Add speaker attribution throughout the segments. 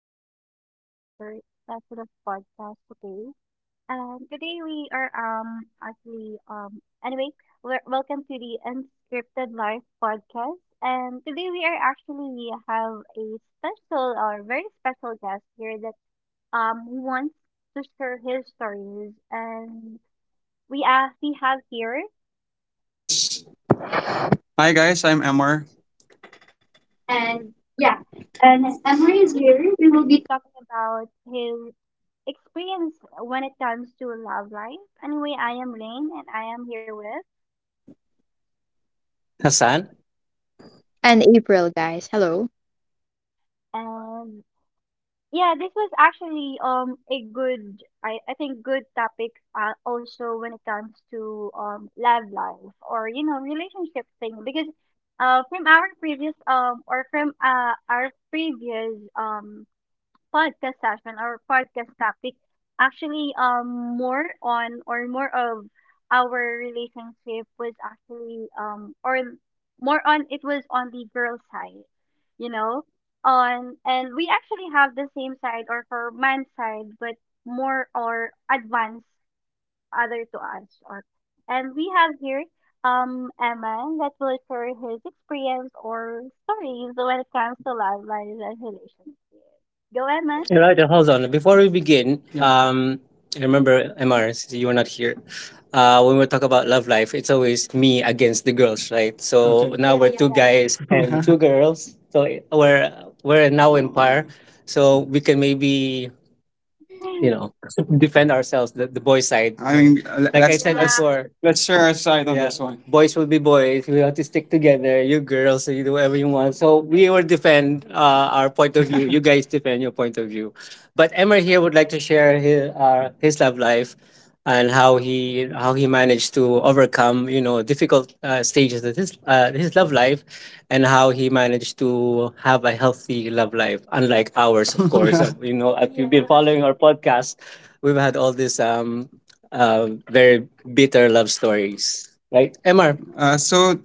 Speaker 1: to our another session of podcast today. Today we are we welcome to the Unscripted Life podcast. And today we are actually we have a special or very special guest here that wants to share his stories, and we have here
Speaker 2: Guys. Hi guys, I'm Emmer. And
Speaker 1: and.
Speaker 2: yeah,
Speaker 1: Yeah,
Speaker 2: and as
Speaker 1: and
Speaker 2: Emery
Speaker 1: pretty
Speaker 2: is
Speaker 1: soon
Speaker 2: here, we
Speaker 1: we
Speaker 2: will
Speaker 1: will be
Speaker 2: be
Speaker 1: talking about his experience when it comes to love life. Anyway, I am Rain and I am here with
Speaker 2: Hassan.
Speaker 3: And April, guys. Hello.
Speaker 1: and yeah, this was actually a good I think good topic also when it comes to love life or you know relationship thing because from our previous or from our previous podcast session or podcast topic actually more on or more of our relationship was actually or more on it was on the girl side, you know, on and we actually have the same side or for man's side but more or advanced other to us or and we have here Emma that will share his experience or stories when it comes to love life and relationship. Go
Speaker 2: Raymond.
Speaker 1: Emma.
Speaker 2: All right, and hold on. Before we begin, yeah. I remember Mr. since you were not here. When we talk about love life, it's always me against the girls, right? So okay, now we're two guys and two girls. So we're we're now in par. So we can maybe
Speaker 1: Right.
Speaker 2: you know defend ourselves the boy side. I you mean, like I let's said let's
Speaker 1: Yeah,
Speaker 2: before let's share our side on yeah this one. Boys will be boys, we have to stick together. You girls, you do whatever you want, so we will defend our point of view. You guys defend your point of view, but Emma here would like to share his love life and how he managed to overcome you know difficult stages of his love life, and how he managed to have a healthy love life, unlike ours, of course. Yeah. You know, if you've been following our podcast, we've had all these very bitter love stories, right, mr So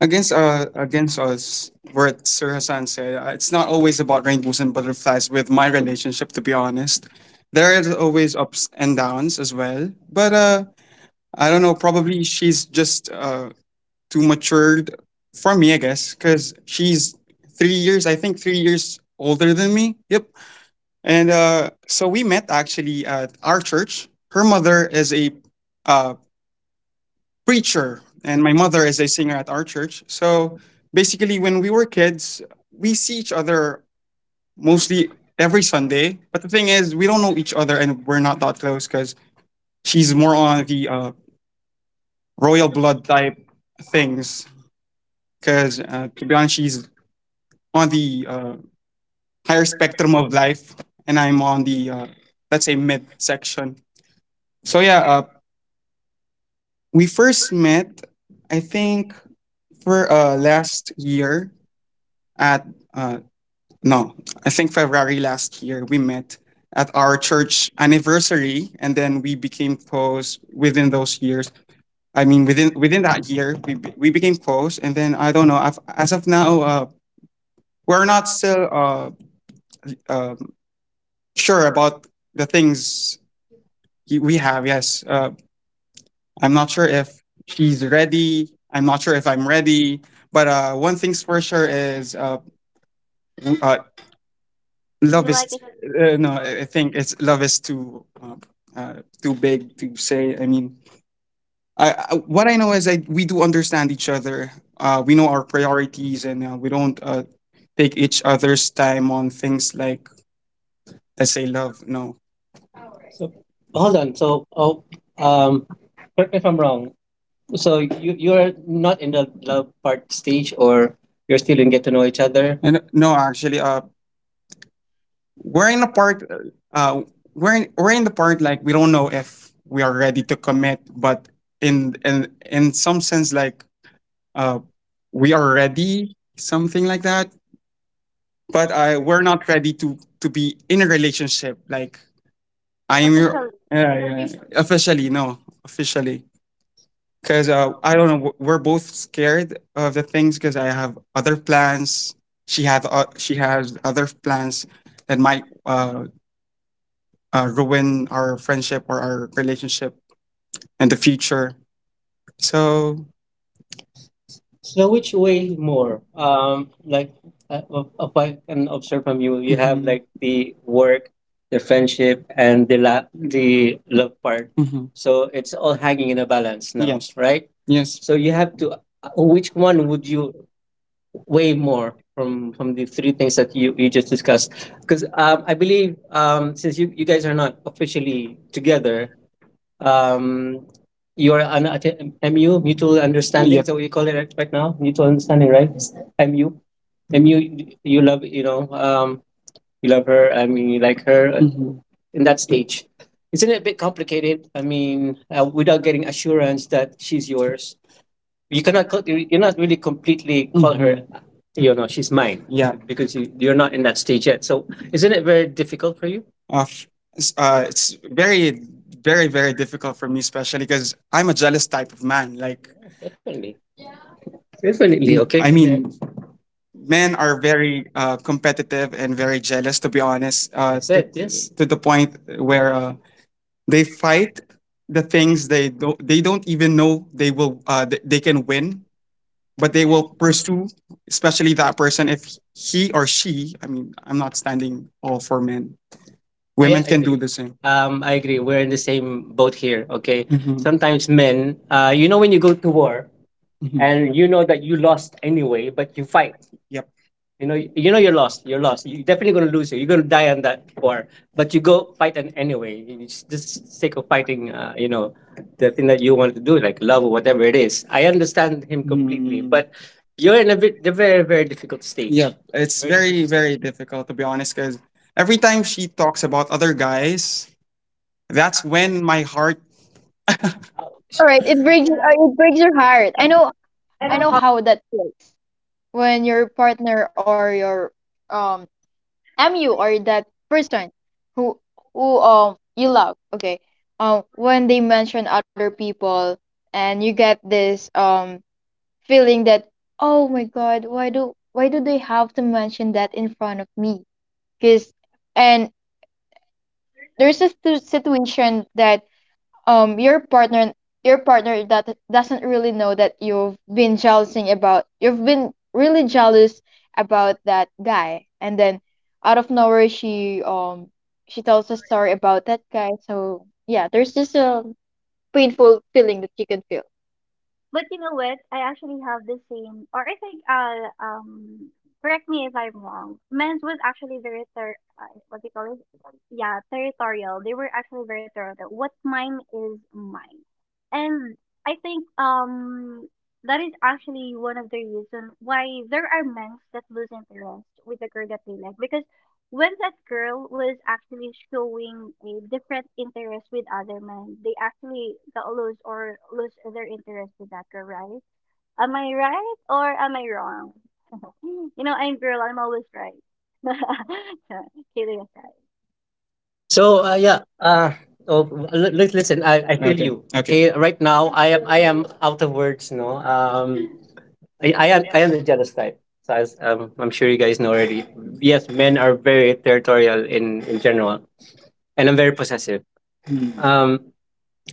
Speaker 2: against against us, what Sir Hassan said, it's not always about rainbows and butterflies with my relationship. To be honest, there is always ups and downs as well. But I don't know. Probably she's just too matured for me, I guess, because she's 3 years. I think 3 years older than me. Yep. And so we met actually at our church. Her mother is a uh, preacher, and my mother is a singer at our church. So basically, when we were kids, we see each other mostly every Sunday. But the thing is, we don't know each other, and we're not that close because she's more on the royal blood type things. Because to be honest, she's on the higher spectrum of life, and I'm on the let's say mid section. So yeah, we first met I think for last year at uh, no, I think February last year we met at our church anniversary, and then we became close within those years. I mean, within that year, we became close, and then I don't know. As of now, we're not still um sure about the things we have. Yes, I'm not sure if she's ready. I'm not sure if I'm ready. But one thing's for sure is w- uh, love
Speaker 1: you like
Speaker 2: is
Speaker 1: it
Speaker 2: uh, no. I think it's love is too uh, too big to say. I mean I, I what I know is we do understand each other. We know our priorities and we don't take each other's time on things like let's say love no. So hold on. So oh, um, correct me if I'm wrong. So you're not in the love part stage, or you're still in get to know each other. And no, actually, we're in a part, uh we're in the part like we don't know if we are ready to commit, but in some sense like uh we are ready, something like that. But we're not ready to be in a relationship like I'm your,
Speaker 1: officially.
Speaker 2: yeah, yeah. Officially, no. Officially, because I don't know, we're both scared of the things because I have other plans. She has other plans that might ruin our friendship or our relationship in the future. So so which way more? Like if I can observe from you, you have mhm, like the work, the friendship, and the love part. Mhm. So it's all hanging in a balance now, yes, right? Yes. So you have to. Which one would you weigh more from the three things that you just discussed? Because I believe since you guys are not officially together, um, you're an MU, mutual understanding. Yep. Is that what you call it right right now, mutual understanding, right? MU, MU. You love you know you love her. I mean, you like her mhm, in that stage. Isn't it a bit complicated? I mean, without getting assurance that she's yours, you cannot call, you- are not really completely call her you know she's mine. Yeah. Because you, you're not in that stage yet, so isn't it very difficult for you? Of it's very, very, very difficult for me, especially because I'm a jealous type of man. Like, definitely, definitely okay. I mean, men are very competitive and very jealous, to be honest. That's to, it, yes. To the point where they fight the things they don't even know they will they can win but they will pursue, especially that person if he or she. I'm not standing all for men. Yes, women, yes, I can do agree. The same. I agree. We're in the same boat here. Okay. Mhm. Sometimes men, you know, when you go to war, mhm, and you know that you lost anyway, but you fight. Yep. You know you're lost. You're lost. You're definitely gonna lose. You're gonna die on that war. But you go fight and anyway. You just sick of fighting. You know, the thing that you want to do, like love or whatever it is. I understand him completely, mm, but you're in a bit, the very, very difficult stage. Yep, it's very very difficult very stage. Difficult to be honest, because every time she talks about other guys, that's when my heart.
Speaker 3: All right, it breaks your heart. I know how that feels when your partner or your um MU or that person who who you love, okay? When they mention other people and you get this feeling that oh my god, why do they have to mention that in front of me? Cuz and There's a situation that um your partner your partner that doesn't really know that you've been really jealous about that guy, and then out of nowhere she tells a story about that guy. So yeah, there's just a painful feeling that you can feel.
Speaker 1: But you know what? I actually have the same, or I think, correct me if I'm wrong. Men's was actually very, what do you call it? Yeah, territorial. They were actually very territorial. What mine is mine. And I think, that is actually one of the reason why there are men that lose interest with the girl that they like because when that girl was actually showing a different interest with other men, they actually got lose or lose their interest with that girl, right? Am I right or am I wrong? You know, I'm girl, I'm always right. No, kidding aside.
Speaker 2: So oh, listen, I feel okay you. Okay. Okay, right now I am out of words. No, I am the jealous type. So as I'm sure you guys know already. Yes, men are very territorial in general, and I'm very possessive. Um,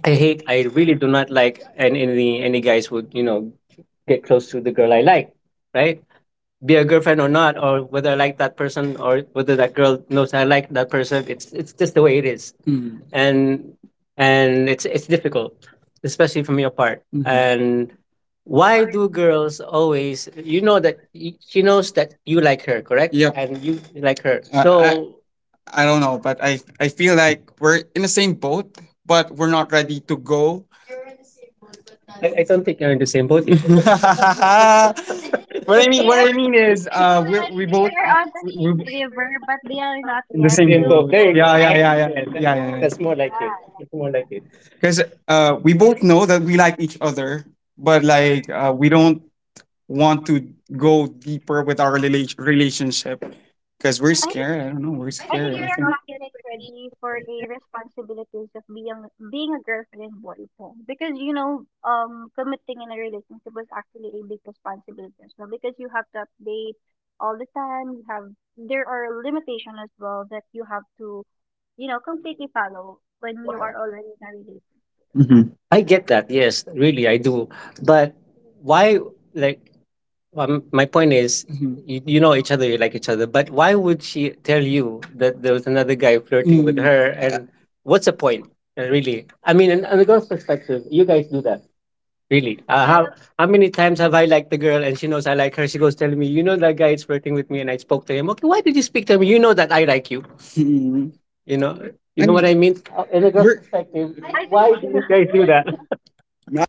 Speaker 2: I hate. I really do not like and any guys would you know get close to the girl I like, right? Be a girlfriend or not, or whether I like that person or whether that girl knows I like that person. It's just the way it is, mm. And it's difficult, especially from your part. Mhm. And why do girls always? You know that she knows that you like her, correct? Yep. And you like her. I don't know, but I feel like we're in the same boat, but we're not ready to go. I don't think you're in the same boat.
Speaker 1: No, I think
Speaker 2: What I mean,
Speaker 1: they
Speaker 2: what
Speaker 1: are
Speaker 2: I mean is,
Speaker 1: more like
Speaker 2: we both,
Speaker 1: they are on the
Speaker 2: we
Speaker 1: same
Speaker 2: we-
Speaker 1: river but they are not
Speaker 2: in the
Speaker 1: yet
Speaker 2: same. Same
Speaker 1: to
Speaker 2: boat. Boat. There you yeah, go. Yeah,
Speaker 1: try
Speaker 2: yeah, yeah, yeah, yeah. Yeah. That's more like it.
Speaker 1: paths.
Speaker 2: That's more like it. Because we both know that we like each other, but like we don't want to go deeper with our relationship because we're scared. I don't know. We're
Speaker 1: I think
Speaker 2: scared. I
Speaker 1: we are
Speaker 2: think.
Speaker 1: not yet ready for a responsibilities of being being a girlfriend and boyfriend because you know committing in a relationship was actually a big responsibility as well because you have to update all the time you have there are limitations as well that you have to you know completely follow when you are already in a relationship.
Speaker 2: Hmm, I get that. Yes, really, I do. But why, like, my point is, mhm, you know each other, you like each other, but why would she tell you that there was another guy flirting with mm her? And what's the point, really? I mean, on the girl's perspective, you guys do that. Really?
Speaker 1: So
Speaker 2: How many times have I liked the girl and she knows I like her? She goes telling me, you know that guy is flirting with me, and I spoke to him. Okay, why did you speak to me? You know that I like you. Mm. You know, you know mean, what I mean. In a girl's we're, perspective,
Speaker 1: I think
Speaker 2: why do you guys do that? No,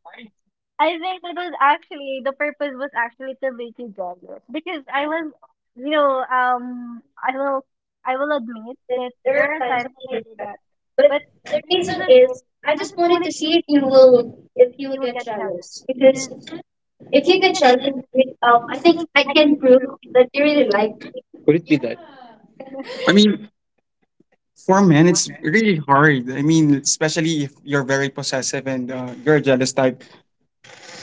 Speaker 1: I think it was actually the purpose was actually to make you jealous because I was, you know, I
Speaker 2: there
Speaker 1: will admit that
Speaker 2: are
Speaker 1: there are
Speaker 2: times, I
Speaker 1: times that
Speaker 2: feel
Speaker 1: I
Speaker 2: like
Speaker 1: do
Speaker 2: that.
Speaker 1: that,
Speaker 2: But
Speaker 1: but
Speaker 2: the
Speaker 1: the
Speaker 2: reason
Speaker 1: reason is
Speaker 2: is I
Speaker 1: I
Speaker 2: just
Speaker 1: just
Speaker 2: wanted
Speaker 1: wanted
Speaker 2: to
Speaker 1: to
Speaker 2: see
Speaker 1: see
Speaker 2: if you
Speaker 1: if
Speaker 2: will
Speaker 1: you will
Speaker 2: get
Speaker 1: get jealous
Speaker 2: jealous. Because
Speaker 1: because
Speaker 2: if
Speaker 1: if
Speaker 2: you
Speaker 1: you
Speaker 2: get
Speaker 1: get
Speaker 2: jealous,
Speaker 1: jealous,
Speaker 2: jealous, because
Speaker 1: I
Speaker 2: think
Speaker 1: think
Speaker 2: I
Speaker 1: I
Speaker 2: can
Speaker 1: can
Speaker 2: prove
Speaker 1: prove
Speaker 2: that you
Speaker 1: you
Speaker 2: really
Speaker 1: really
Speaker 2: like
Speaker 1: like.
Speaker 2: me. Could it be that? I mean, for men, it's really hard. I mean, especially if you're very possessive and you're a jealous type.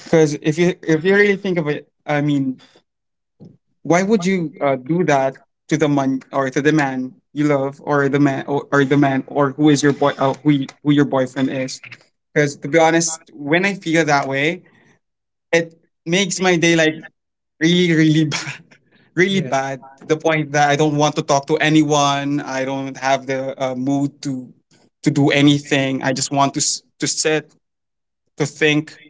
Speaker 2: Because if you really think of it, I mean, why would you do that to the man or to the man you love or the man or the man or who is your boy who who your boyfriend is? Because to be honest, when I feel that way, it makes my day like really really bad, really yeah, Bad to the point that I don't want to talk to anyone. I don't have the mood to do anything. I just want to to sit, to think.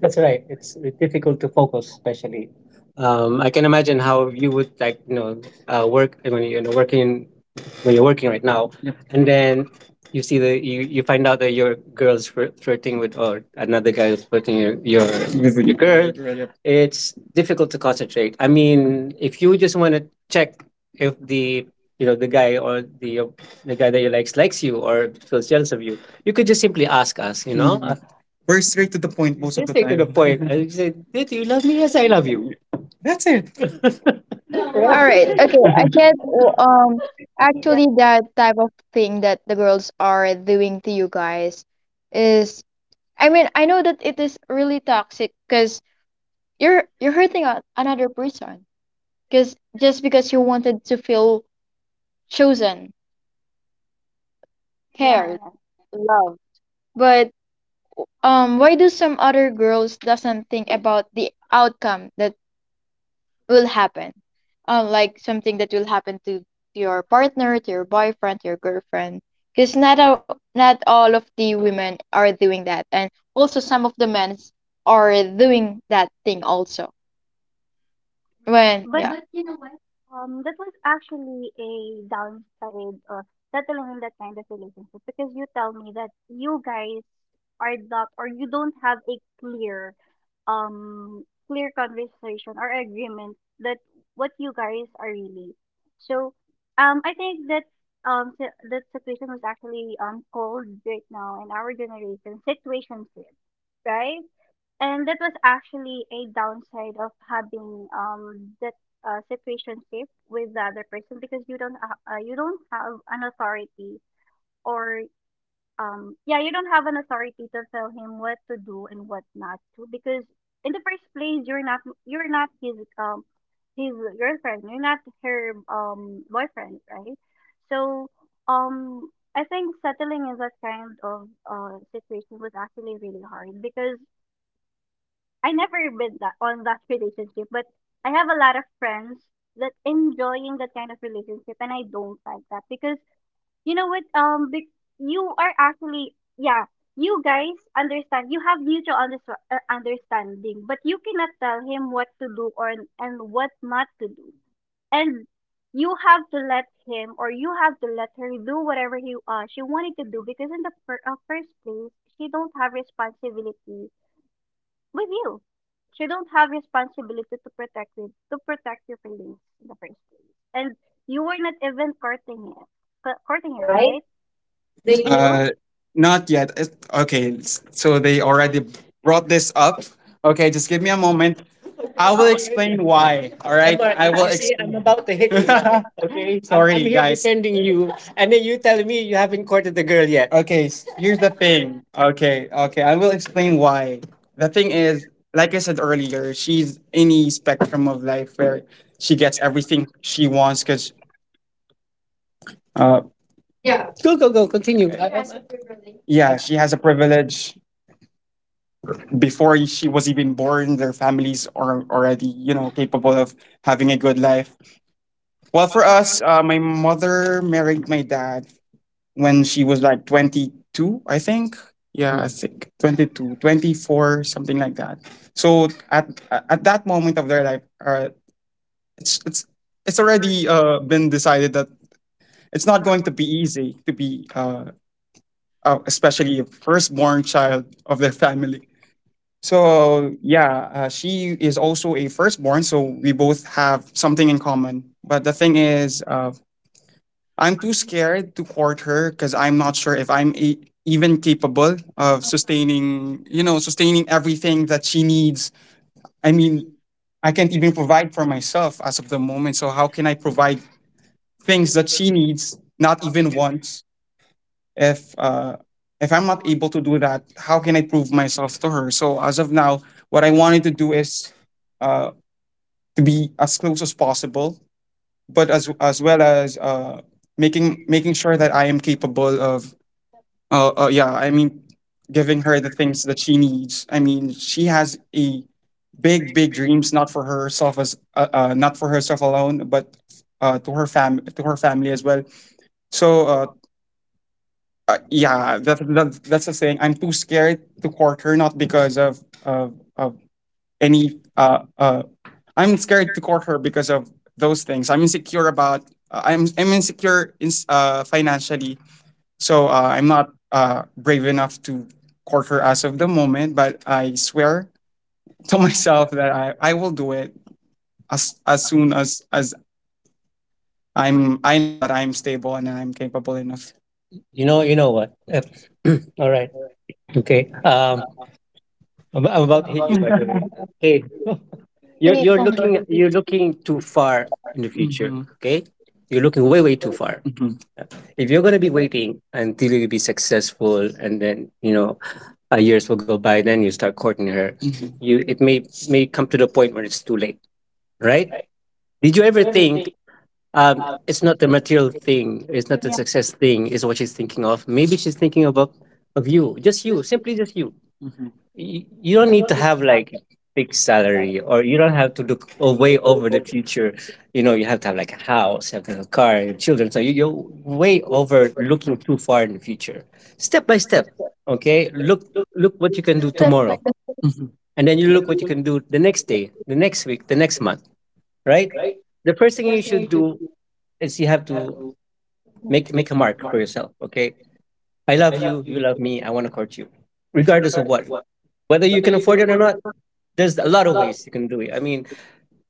Speaker 2: That's right. It's difficult to focus, especially. I can imagine how you would, like, work when you know, working, when you're working right now, yep, and then you see the, you find out that your girl's flirting with, or another guy is flirting your with your the, girl, girl, yep. It's difficult to concentrate. I mean, if you just want to check if the, you know, the guy or the guy that you likes, likes you or feels jealous of you, you could just simply ask us. You know. Mhm. We're straight to the point most of just the take to time the time. point. I said, "Did you love me?" "Yes, I love you." That's it.
Speaker 1: No,
Speaker 3: All
Speaker 2: Right?
Speaker 3: right, okay, I get um actually that type of thing that the girls are doing to you guys is, I mean, I know that it is really toxic because you're hurting a, another person because just because you wanted to feel chosen,
Speaker 1: yeah,
Speaker 3: cared,
Speaker 1: yeah.
Speaker 3: loved. But why do some other girls doesn't think about the outcome that will happen? Like something that will happen to your partner, to your boyfriend, to your girlfriend. Because not all, not all of the women are doing that, and also some of the men are doing that thing also. When
Speaker 1: But
Speaker 3: yeah.
Speaker 1: that was actually a downside of settling in that kind of relationship because you tell me that you guys are not or you don't have a clear um clear conversation or agreement that what you guys are really. So I think that that situation was actually called right now in our generation situationship, right? And that was actually a downside of having that situationship with the other person because you don't you don't have an authority or yeah you don't have an authority to tell him what to do and what not to because in the first place you're not his his girlfriend you're not her boyfriend, right? So um I think settling in that kind of situation was actually really hard because I never been that on that relationship, but I have a lot of friends that enjoying that kind of relationship, and I don't like that because you know what? You are actually, yeah, you guys understand. You have mutual understanding, but you cannot tell him what to do or and what not to do, and you have to let him or you have to let her do whatever he she wanted to do because in the first place she don't have responsibility with you. So you don't have responsibility to protect it, to protect your feelings in the first place. And you were not even courting it,
Speaker 2: Recording
Speaker 1: courting
Speaker 2: it,
Speaker 1: her,
Speaker 2: right?
Speaker 1: right? Do
Speaker 2: They
Speaker 1: you?
Speaker 2: Not yet. It's okay, so they already brought this up. Okay, just give me a moment. I will explain why. All right, come on, I will, you see, I'm explain about to hit you. Okay, sorry, I'm sorry here, guys, defending you, and then you tell me you haven't courted the girl yet. Okay, here's the thing. Okay, I will explain why. The thing is, like I said earlier, she's in the spectrum of life where she gets everything she wants because, uh, go, go, go, continue. Yeah, she has a privilege. Before she was even born, their families are already, you know, capable of having a good life. Well, for us, my mother married my dad when she was like 22, I think. Yeah, I think 22, 24, something like that. So at that moment of their life, it's it's already been decided that it's not going to be easy to be especially a firstborn child of their family. So yeah, she is also a firstborn, so we both have something in common. But the thing is, I'm too scared to court her because I'm not sure if I'm e even capable of sustaining, you know, sustaining everything that she needs. I mean, I can't even provide for myself as of the moment. So how can I provide things that she needs, not even once? If uh, if I'm not able to do that, how can I prove myself to her? So as of now, what I wanted to do is uh, to be as close as possible, but as well as making sure that I am capable of yeah, I mean, giving her the things that she needs. I mean, she has a big dreams, not for herself as, not for herself alone, but to her to her family as well. So, yeah, that's the thing. I'm too scared to court her, not because of any. I'm scared to court her because of those things I'm insecure about. I'm insecure in, financially, so I'm not brave enough to court her as of the moment, but I swear to myself that I will do it as soon as I'm, I know that I'm stable and I'm capable enough. You know what? All right. Okay. I'm about to hit you, by the way. Hey, you're
Speaker 3: Hey, go
Speaker 2: you're looking too far in the future. Mhm. Okay, you're looking way too far. If you're going to be waiting until you be successful and then, you know, years will go by, then you start courting her. Mhm. You, it may come to the point where it's too late, right? Did you ever think, it's not the material thing. It's not the success thing. Is what she's thinking of. Maybe she's thinking about of you, just you, simply just you. Hmm. You don't need to have like big salary, or you don't have to look way over the future. You know, you have to have like a house, have to have a car, and children. So you're way over looking too far in the future. Step by step, okay. Look, look what you can do
Speaker 3: ahead.
Speaker 2: tomorrow, hmm, and then you look what you can do the next day, the next week, the next month. Right. The first thing you should do is you have to make a mark for yourself. Okay, I love you. You love me. I want to court you, regardless of what, whether you can afford it or not. There's a lot of ways you can do it. I mean,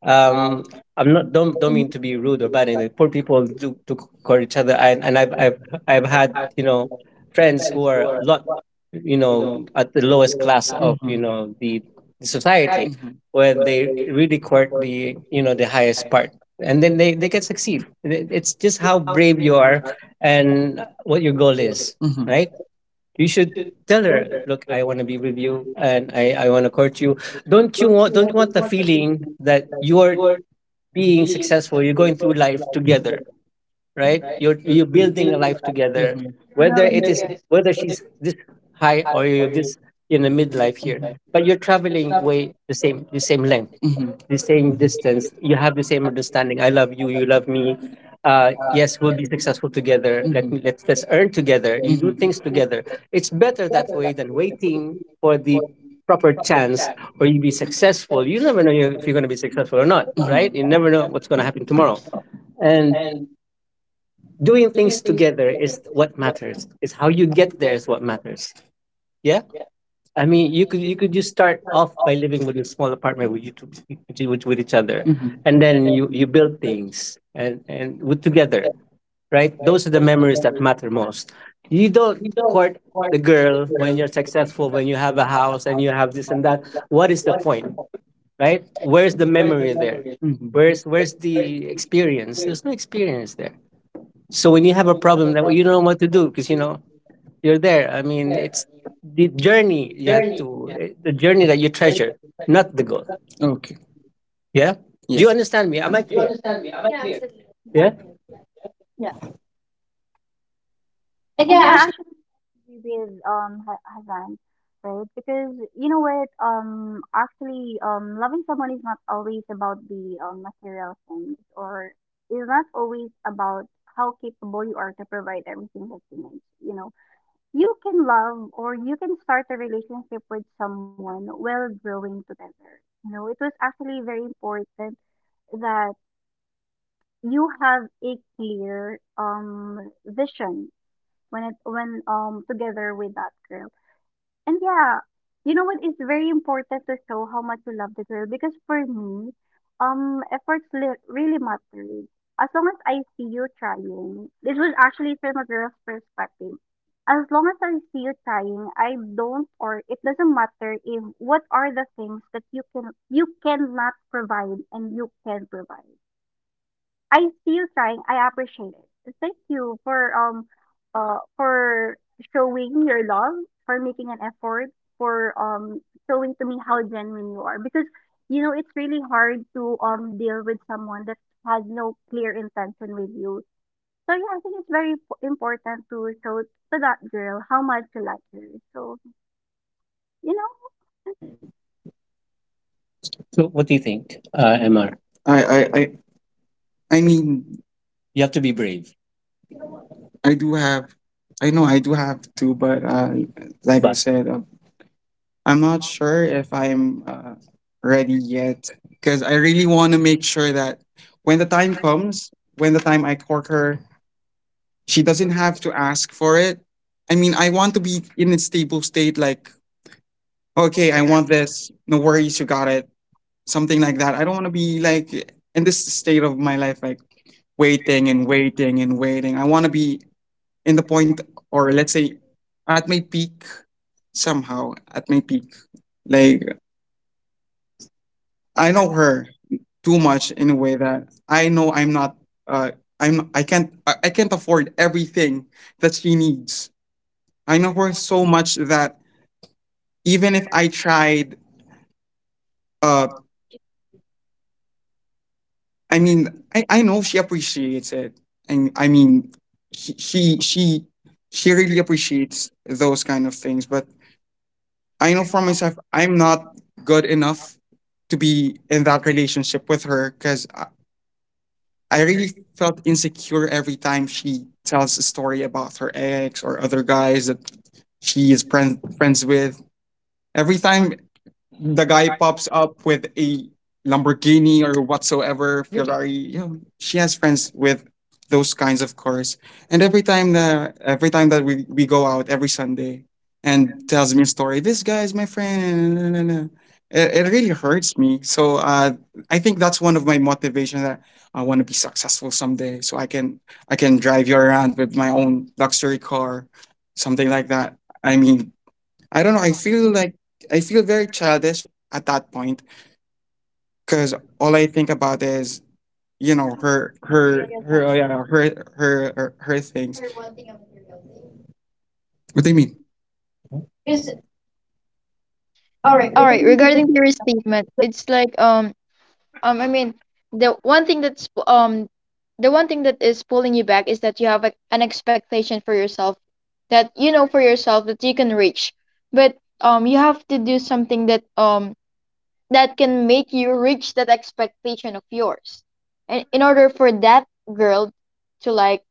Speaker 2: um I'm not, don't mean to be rude or bad and, like, poor people do to call each other and, I've had, you know, friends who are a lot, you know, at the lowest class of you, mm-hmm, know the society, mm-hmm, when they really court the, you know, the highest part, and then they can succeed. It- it's just how brave you are and what your goal is. Mm-hmm. Right, you should tell her, look, I want to be with you and I want to court you. Don't you want the feeling that you're being successful, you're going through life together, right? You're building a life together, mhm,
Speaker 3: No,
Speaker 2: whether
Speaker 3: no,
Speaker 2: it is,
Speaker 3: yes.
Speaker 2: whether she's this high or you're this in the midlife here, mhm, but you're traveling way, the same length, mhm, the same distance. You have the same understanding. I love you. You love me. Yes, we'll be successful together. Let, mhm, me, let's earn together. You do, mhm, things together. It's better that way than waiting for the proper chance or you be successful. You never know if you're going to be successful or not, mhm, right? You never know what's going to happen tomorrow, and doing things together is what matters. It's how you get there is what matters. Yeah. I mean, you could, you could just start off by living with a small apartment with you two, with each other, mhm, and then you build things and with together, right? Those are the memories that matter most. You don't court the girl when you're successful, when you have a house and you have this and that. What is the point, right? Where's the memory there? Mhm. Where's the experience? There's no experience there. So when you have a problem, that, well, you don't know what to do because, you know, you're there. I mean, it's the journey you have to eh, the journey that you treasure, not the goal. Okay. Yeah. Do you, yes, understand me? Am I clear? Yeah. Like, yeah,
Speaker 3: Yeah.
Speaker 1: And yeah,
Speaker 2: actually.
Speaker 1: actually, I agree with Hazan, right? Because you know what? Actually, loving someone is not always about the material things, or it's not always about how capable you are to provide everything that you need. You know, you can love or you can start a relationship with someone while growing together. You know, it was actually very important that you have a clear vision when it when together with that girl. And yeah, you know what? It's very important to show how much you love the girl because for me, efforts really matter. As long as I see you trying, this was actually from a girl's perspective. As long as I see you trying, I don't or it doesn't matter if what are the things that you can you cannot provide and you can provide. I still trying. I appreciate it. Thank you for showing your love, for making an effort, for showing to me how genuine you are. Because you know it's really hard to deal with someone that has no clear intention with you. So yeah, I think it's very important to show to that girl how much you like her. So you know,
Speaker 2: So what do you think, Mr. I I I I mean, you have to be brave. I do have, I know I do have to, but like I but said. I'm not sure if I'm ready yet because I really want to make sure that when the time comes, when the time I court her, she doesn't have to ask for it. I mean, I want to be in a stable state, like, okay, I want this, no worries, you got it, something like that. I don't want to be like in this state of my life, like, waiting and waiting and waiting. I want to be in the point, or let's say, at my peak somehow, at my peak. Like, I know her too much in a way that I know I'm not uh I'm, I can't afford everything that she needs. I know her so much that even if I tried uh I mean, I know she appreciates it. And I mean she, she she she really appreciates those kind of things, but I know for myself I'm not good enough to be in that relationship with her because I really felt insecure every time she tells a story about her ex or other guys that she is friends with. Every time the guy pops up with a Lamborghini or whatsoever, really? Ferrari. You know, she has friends with those kinds of cars. And every time that we go out every Sunday and tells me a story, "This guy is my friend, na, na, na, na," it really hurts me. So I think that's one of my motivation that I want to be successful someday. So I can drive you around with my own luxury car, something like that. I mean, I don't know. I feel like I feel very childish at that point because all I think about is, you know, her, oh yeah, her, things. What do you mean? Wait.
Speaker 3: All right. Regarding your statement, it's like I mean the one thing that's p- the one thing that is pulling you back is that you have a, an expectation for yourself that you know for yourself that you can reach, but you have to do something that that can make you reach that expectation of yours, and in order for that girl to like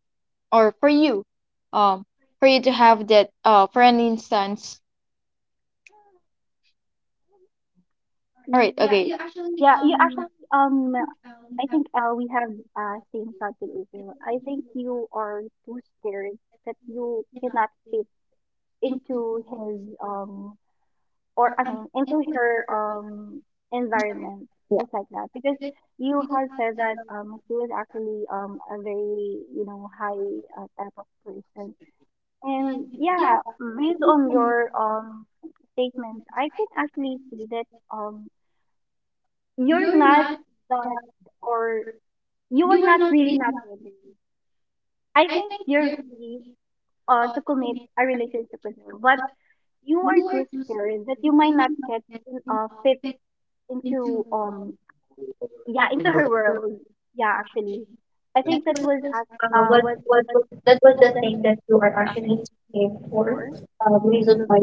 Speaker 3: or um for you to have that for an instance. All right. Okay.
Speaker 1: yeah, you actually I think we have same thought with April. I think you are too scared that you cannot fit into his or I mean into her environment
Speaker 3: Yeah.
Speaker 1: just like that because you have said that he was actually a very you know high type of person and yeah based on your statements I can actually see that um you're not that or you are not really not ready. I think you're ready to commit a relationship with her, but you are too scared that you might not get in, fit into yeah into her world. Yeah, actually, I think that was what that was just our action for reason.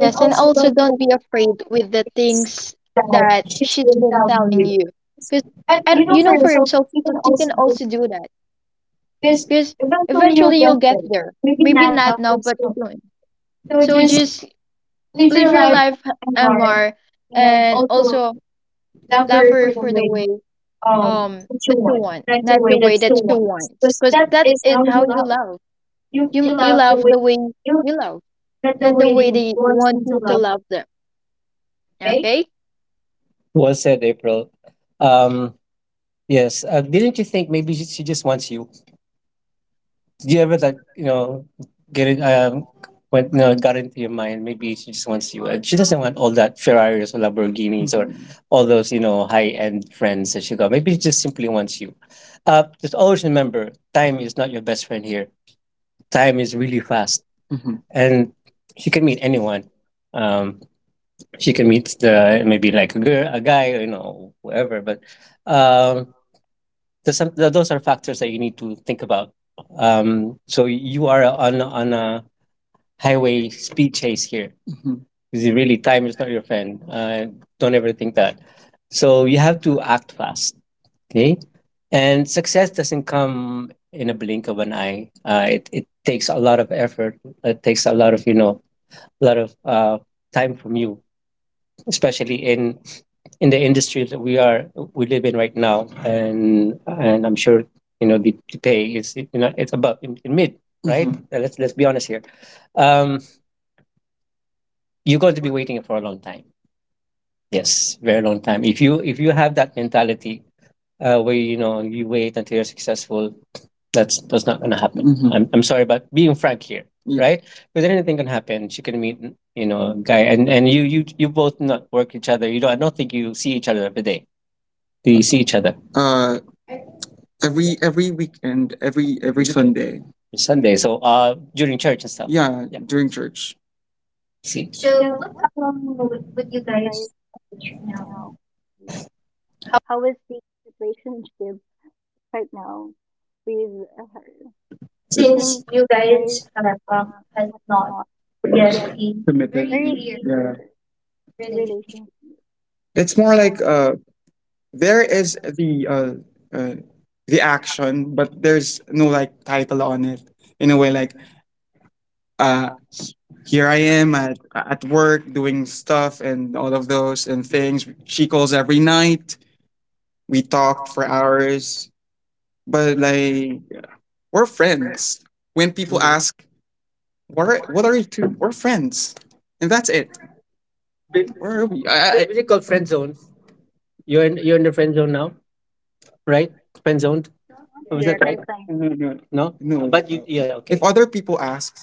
Speaker 3: Yes, and also don't be afraid with the things that she's been telling you. Cause and you know for yourself that you can also do that.
Speaker 2: Because
Speaker 3: Because
Speaker 2: eventually you'll
Speaker 3: eventually you'll
Speaker 2: get
Speaker 3: get
Speaker 2: there.
Speaker 3: there.
Speaker 2: Maybe
Speaker 3: Maybe
Speaker 2: not now,
Speaker 3: not now,
Speaker 2: but
Speaker 3: but
Speaker 2: still.
Speaker 3: soon.
Speaker 2: So
Speaker 3: So
Speaker 2: just
Speaker 3: just
Speaker 2: live
Speaker 3: live
Speaker 2: your
Speaker 3: your
Speaker 2: life
Speaker 3: life,
Speaker 2: and learn,
Speaker 3: Amar,
Speaker 2: and
Speaker 3: and
Speaker 2: also
Speaker 3: also love
Speaker 2: lover for
Speaker 3: her
Speaker 2: the
Speaker 3: for the
Speaker 2: way
Speaker 3: way
Speaker 2: that you
Speaker 3: that you
Speaker 2: want,
Speaker 3: want,
Speaker 2: not the
Speaker 3: not
Speaker 2: way
Speaker 3: the
Speaker 2: that
Speaker 3: way
Speaker 2: you
Speaker 3: that she
Speaker 2: want.
Speaker 3: wants.
Speaker 2: Because
Speaker 3: Because
Speaker 2: that
Speaker 3: that
Speaker 2: is
Speaker 3: is
Speaker 2: how
Speaker 3: how
Speaker 2: you
Speaker 3: you
Speaker 2: love.
Speaker 3: love.
Speaker 2: You
Speaker 3: You
Speaker 2: love the
Speaker 3: love
Speaker 2: way
Speaker 3: the way
Speaker 2: you
Speaker 3: you love,
Speaker 2: not the
Speaker 3: not
Speaker 2: way
Speaker 3: the
Speaker 2: that
Speaker 3: way
Speaker 2: you
Speaker 3: they
Speaker 2: want
Speaker 3: want
Speaker 2: them to
Speaker 3: you to
Speaker 2: love them.
Speaker 3: love them.
Speaker 2: Okay.
Speaker 3: Okay?
Speaker 2: Well said, April. Um, yes. Didn't you think maybe she just wants you? Did you ever like get it? Went got into your mind. Maybe she just wants you. She doesn't want all that Ferraris or Lamborghinis or all those high end friends that she got. Maybe she just simply wants you. Just always remember, time is not your best friend here. Time is really fast, mhm, and she can meet anyone. Um, she can meet the maybe like a girl, a guy, whoever. But um, those are factors that you need to think about. So you are on a highway speed chase here. Mhm. Is really time is not your friend? Don't ever think that. So you have to act fast. Okay, and success doesn't come in a blink of an eye. It takes a lot of effort. It takes a lot of a lot of time from you, especially in the industry that we live in right now, and I'm sure the pay is it's above in mid, right? Mhm. Let's be honest here, um you're going to be waiting for a long time, yes, very long time, if you have that mentality where you wait until you're successful. That's not going to happen. Mhm. I'm sorry, but being frank here. Yeah, right, because anything can happen. She can meet a guy and you both not work each other. You don't. I don't think you see each other every day. We see each other, every weekend, every Sunday. Sunday. So, during church and stuff. Yeah, yeah, during church. See. So
Speaker 1: So
Speaker 2: what
Speaker 1: what
Speaker 2: would
Speaker 1: would
Speaker 2: you
Speaker 1: you guys
Speaker 2: guys do
Speaker 1: do
Speaker 2: now?
Speaker 1: now? How is the relationship right now with her
Speaker 2: Since
Speaker 1: since you
Speaker 2: you
Speaker 1: guys
Speaker 2: guys have
Speaker 1: uh,
Speaker 2: has
Speaker 1: have
Speaker 2: not
Speaker 1: not
Speaker 2: yet a
Speaker 1: yet,
Speaker 2: very committed,
Speaker 1: very
Speaker 2: clear, yeah,
Speaker 1: clear
Speaker 2: relationship.
Speaker 1: relationship.
Speaker 2: It's more like there is uh, the action, but there's no like title on it. In a way, like uh here I am at work doing stuff and all of those and things. She calls every night. We talked for hours, but like we're friends. When people, mhm, ask, What are you two?" We're friends, and that's it. Where are we? What is it called? Friend zone. You're in, the friend zone now, right? Friend zoned.
Speaker 1: Not
Speaker 2: Was that
Speaker 1: yet, I
Speaker 2: right?
Speaker 1: find
Speaker 2: No. But you, yeah, if okay, other people ask,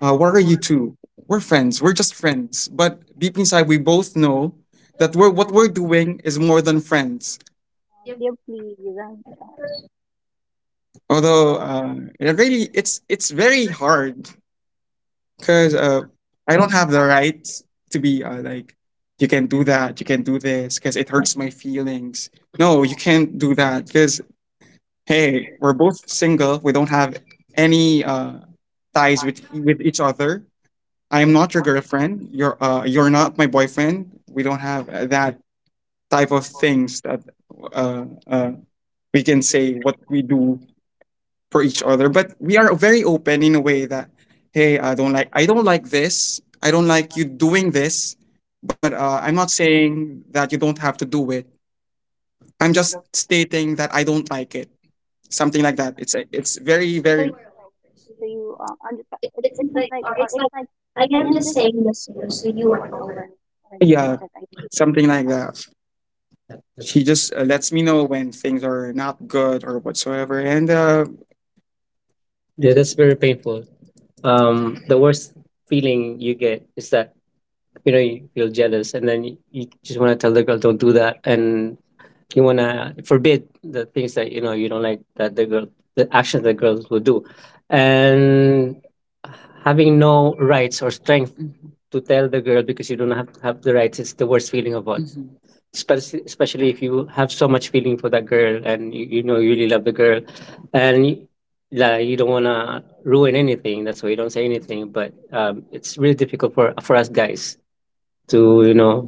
Speaker 2: What are you two? We're friends. We're just friends. But deep inside, we both know that what we're doing is more than friends.
Speaker 1: deeply design friends.
Speaker 2: Although, it's very hard because, I don't have the right to be, like, you can do that, you can do this, because it hurts my feelings. No, you can't do that because hey, we're both single. We don't have any, ties with each other. I am not your girlfriend. You're, you're not my boyfriend. We don't have, that type of things that uh, uh, we can say what we do for each other. But we are very open in a way that hey, I don't like this. I don't like you doing this. But I'm not saying that you don't have to do it. I'm just stating that I don't like it. Something like that. It's a, it's very
Speaker 1: So
Speaker 2: very
Speaker 1: you know, so you understand. It, it sounds like, or
Speaker 2: It's
Speaker 1: it's like,
Speaker 2: like,
Speaker 1: I
Speaker 2: I am
Speaker 1: am
Speaker 2: just
Speaker 1: just
Speaker 2: saying this to you, so you
Speaker 1: you are
Speaker 2: are over.
Speaker 1: aware or the
Speaker 2: Yeah,
Speaker 1: that I
Speaker 2: something like
Speaker 1: provide.
Speaker 2: that. She just, lets me know when things are not good or whatsoever. And, yeah, that's very painful. The worst feeling you get is that you feel jealous, and then you just want to tell the girl don't do that, and you want to forbid the things that you don't like that the girl, the actions that girls will do, and having no rights or strength to tell the girl, because you don't have the rights. It's the worst feeling of all. Mhm. Especially, especially if you have so much feeling for that girl, and you really love the girl, and you, like, you don't want to ruin anything. That's why you don't say anything, but it's really difficult for us guys to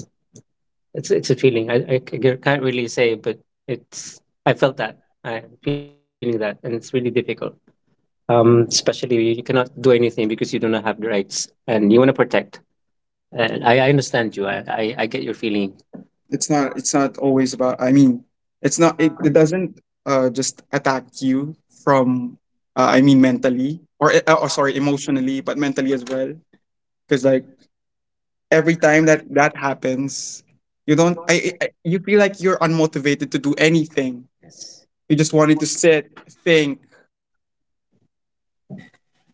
Speaker 2: it's a feeling I can't really say, but it's I felt that I'm feeling that, and it's really difficult, especially you cannot do anything because you do not have the rights, and you want to protect. And I understand you. I get your feeling. It's not, it's not always about, I mean, it's not, it it doesn't just attack you from, I mean, mentally, or oh, sorry, emotionally, but mentally as well, because like, every time that happens, you don't. You feel like you're unmotivated to do anything. You just wanted to sit, think.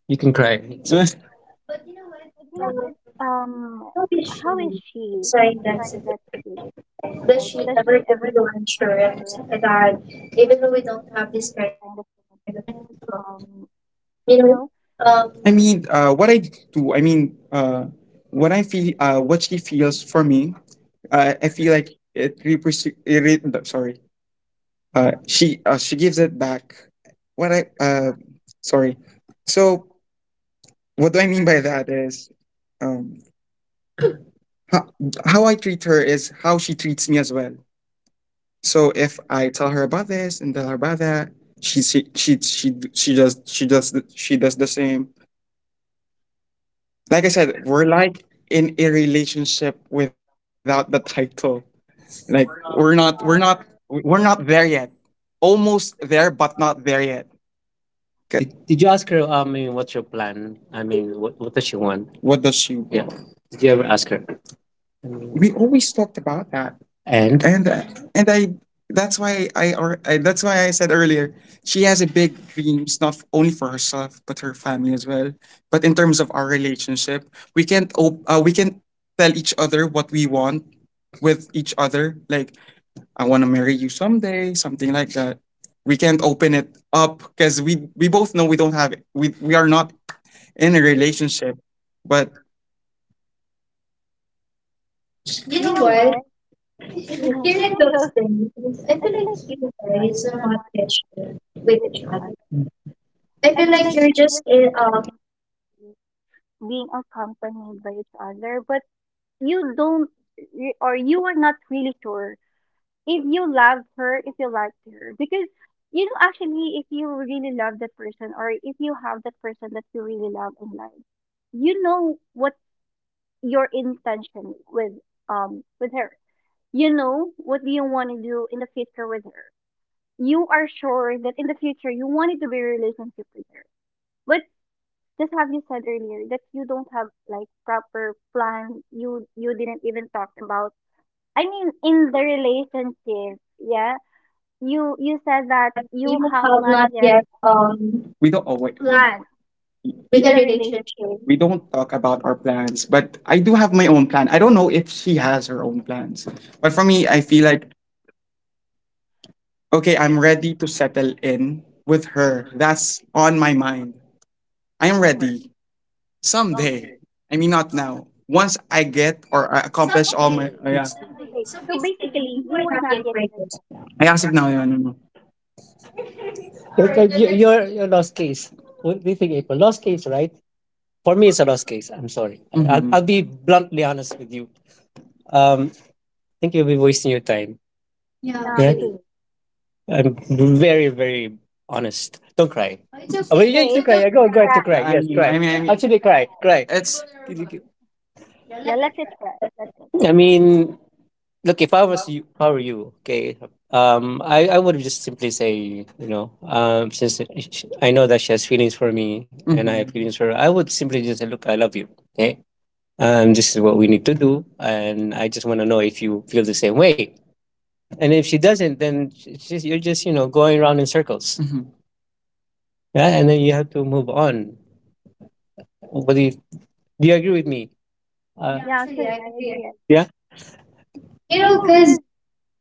Speaker 2: You can cry. It's okay. But you
Speaker 1: But you
Speaker 2: know
Speaker 1: know
Speaker 2: what?
Speaker 1: what?
Speaker 2: Um, how
Speaker 1: How
Speaker 2: did
Speaker 1: is
Speaker 2: she
Speaker 1: she
Speaker 2: decide
Speaker 1: during
Speaker 2: that?
Speaker 1: that situation? Like,
Speaker 2: Does
Speaker 1: does
Speaker 2: she
Speaker 1: she
Speaker 2: ever
Speaker 1: ever
Speaker 2: give
Speaker 1: get
Speaker 2: you
Speaker 1: reassurance?
Speaker 2: insurance that even though we
Speaker 1: You don't
Speaker 2: don't have
Speaker 1: have this
Speaker 2: this kind
Speaker 1: kind
Speaker 2: of
Speaker 1: of
Speaker 2: commitment,
Speaker 1: commitment.
Speaker 2: you
Speaker 1: You
Speaker 2: know,
Speaker 1: know,
Speaker 2: I mean, what I do. I mean, what I feel. What she feels for me. I feel like it represents. Sorry. She gives it back. What I, sorry. So what do I mean by that is, um, how, how I treat her is how she treats me as well. So if I tell her about this and tell her about that, she does th- she does the same. Like I said, we're like in a relationship without the title. Like
Speaker 1: uh,
Speaker 2: we're not there yet. Almost there, but not there yet. Good. Did you ask her? I mean, what's your plan? I mean, what does she want? What does she Yeah. want? Did you ever ask her? I mean, we always talked about that, and I. That's why I, or I. That's why I said earlier, she has a big dreams, not only for herself but her family as well. But in terms of our relationship, we can't. We can tell each other what we want with each other. Like I want to marry you someday, something like that. We can't open it up because we both know we don't have it. We are not in a relationship, but you know
Speaker 1: you know
Speaker 2: what?
Speaker 1: what?
Speaker 2: Hearing
Speaker 1: Hearing
Speaker 2: those
Speaker 1: those
Speaker 2: things, I
Speaker 1: I
Speaker 2: feel
Speaker 1: feel
Speaker 2: like
Speaker 1: like
Speaker 2: you guys
Speaker 1: stories
Speaker 2: are
Speaker 1: are
Speaker 2: not
Speaker 1: not just good
Speaker 2: patient with
Speaker 1: with
Speaker 2: each
Speaker 1: each
Speaker 2: other.
Speaker 1: other.
Speaker 2: I
Speaker 1: I
Speaker 2: feel
Speaker 1: feel
Speaker 2: like
Speaker 1: like
Speaker 2: you're
Speaker 1: you
Speaker 2: just
Speaker 1: just
Speaker 2: in
Speaker 1: being accompanied by each other, but you don't, or you are not really sure if you loved her, if you liked her, because you know actually if you really love that person or if you have that person that you really love in life, you know what your intention with her. You know what do you want to do in the future with her you are sure that in the future you wanted to be a relationship leader. But just have you said earlier that you don't have like proper plan. You didn't even talk about. I mean, in the relationship, yeah. You said that
Speaker 2: that
Speaker 1: you
Speaker 2: you
Speaker 1: have
Speaker 2: have
Speaker 1: not
Speaker 2: not
Speaker 1: yet
Speaker 2: yet we don't. Oh wait,
Speaker 1: planned
Speaker 2: planned with
Speaker 1: with
Speaker 2: a
Speaker 1: a relationship
Speaker 2: relationship. We don't talk about our plans. But I do have my own plan. I don't know if she has her own plans, but for me, I feel like, okay, I'm ready to settle in with her. That's on my mind. I am ready. Someday. I mean, not now. Once I get or I accomplish all my.
Speaker 1: someday,
Speaker 2: Oh, yeah, someday.
Speaker 1: someday.
Speaker 2: So
Speaker 1: So
Speaker 2: basically,
Speaker 1: basically,
Speaker 2: you
Speaker 1: you
Speaker 2: were
Speaker 1: were
Speaker 2: not
Speaker 1: not
Speaker 2: yet
Speaker 1: yet
Speaker 2: ready.
Speaker 1: ready.
Speaker 2: I asked of now, yeah, no, no. You're, right, you're, next. You're lost case. What do you think, April? Lost case, right? For me, it's a lost case. I'm sorry. I'll be bluntly honest with you. I think you'll be wasting your time. Yeah,
Speaker 1: Yeah,
Speaker 2: yeah.
Speaker 1: actually.
Speaker 2: I'm very, very honest. Don't cry. Oh, well, yeah, you
Speaker 1: Okay,
Speaker 2: can
Speaker 1: it's
Speaker 2: cry.
Speaker 1: okay
Speaker 2: Yeah, go,
Speaker 1: to
Speaker 2: go ahead
Speaker 1: try.
Speaker 2: to cry. I, yes, mean, cry. Actually, cry, cry. It's,
Speaker 1: Yeah, let it try. Let it.
Speaker 2: I mean, look, if I was you, if I were you, okay, I would just simply say, you know, since I know that she has feelings for me and I have, mhm, feelings for her, I would simply just say, look, I love you, okay? This is what we need to do, and I just want to know if you feel the same way. And if she doesn't, then you're just, you know, going around in circles. Yeah, and then you have to move on. But do you agree with me, yeah?
Speaker 1: Yeah,
Speaker 2: Actually,
Speaker 1: actually,
Speaker 2: I
Speaker 1: I
Speaker 2: agree.
Speaker 1: agree.
Speaker 2: Yeah. You
Speaker 1: You
Speaker 2: know,
Speaker 1: know,
Speaker 2: because
Speaker 1: 'cause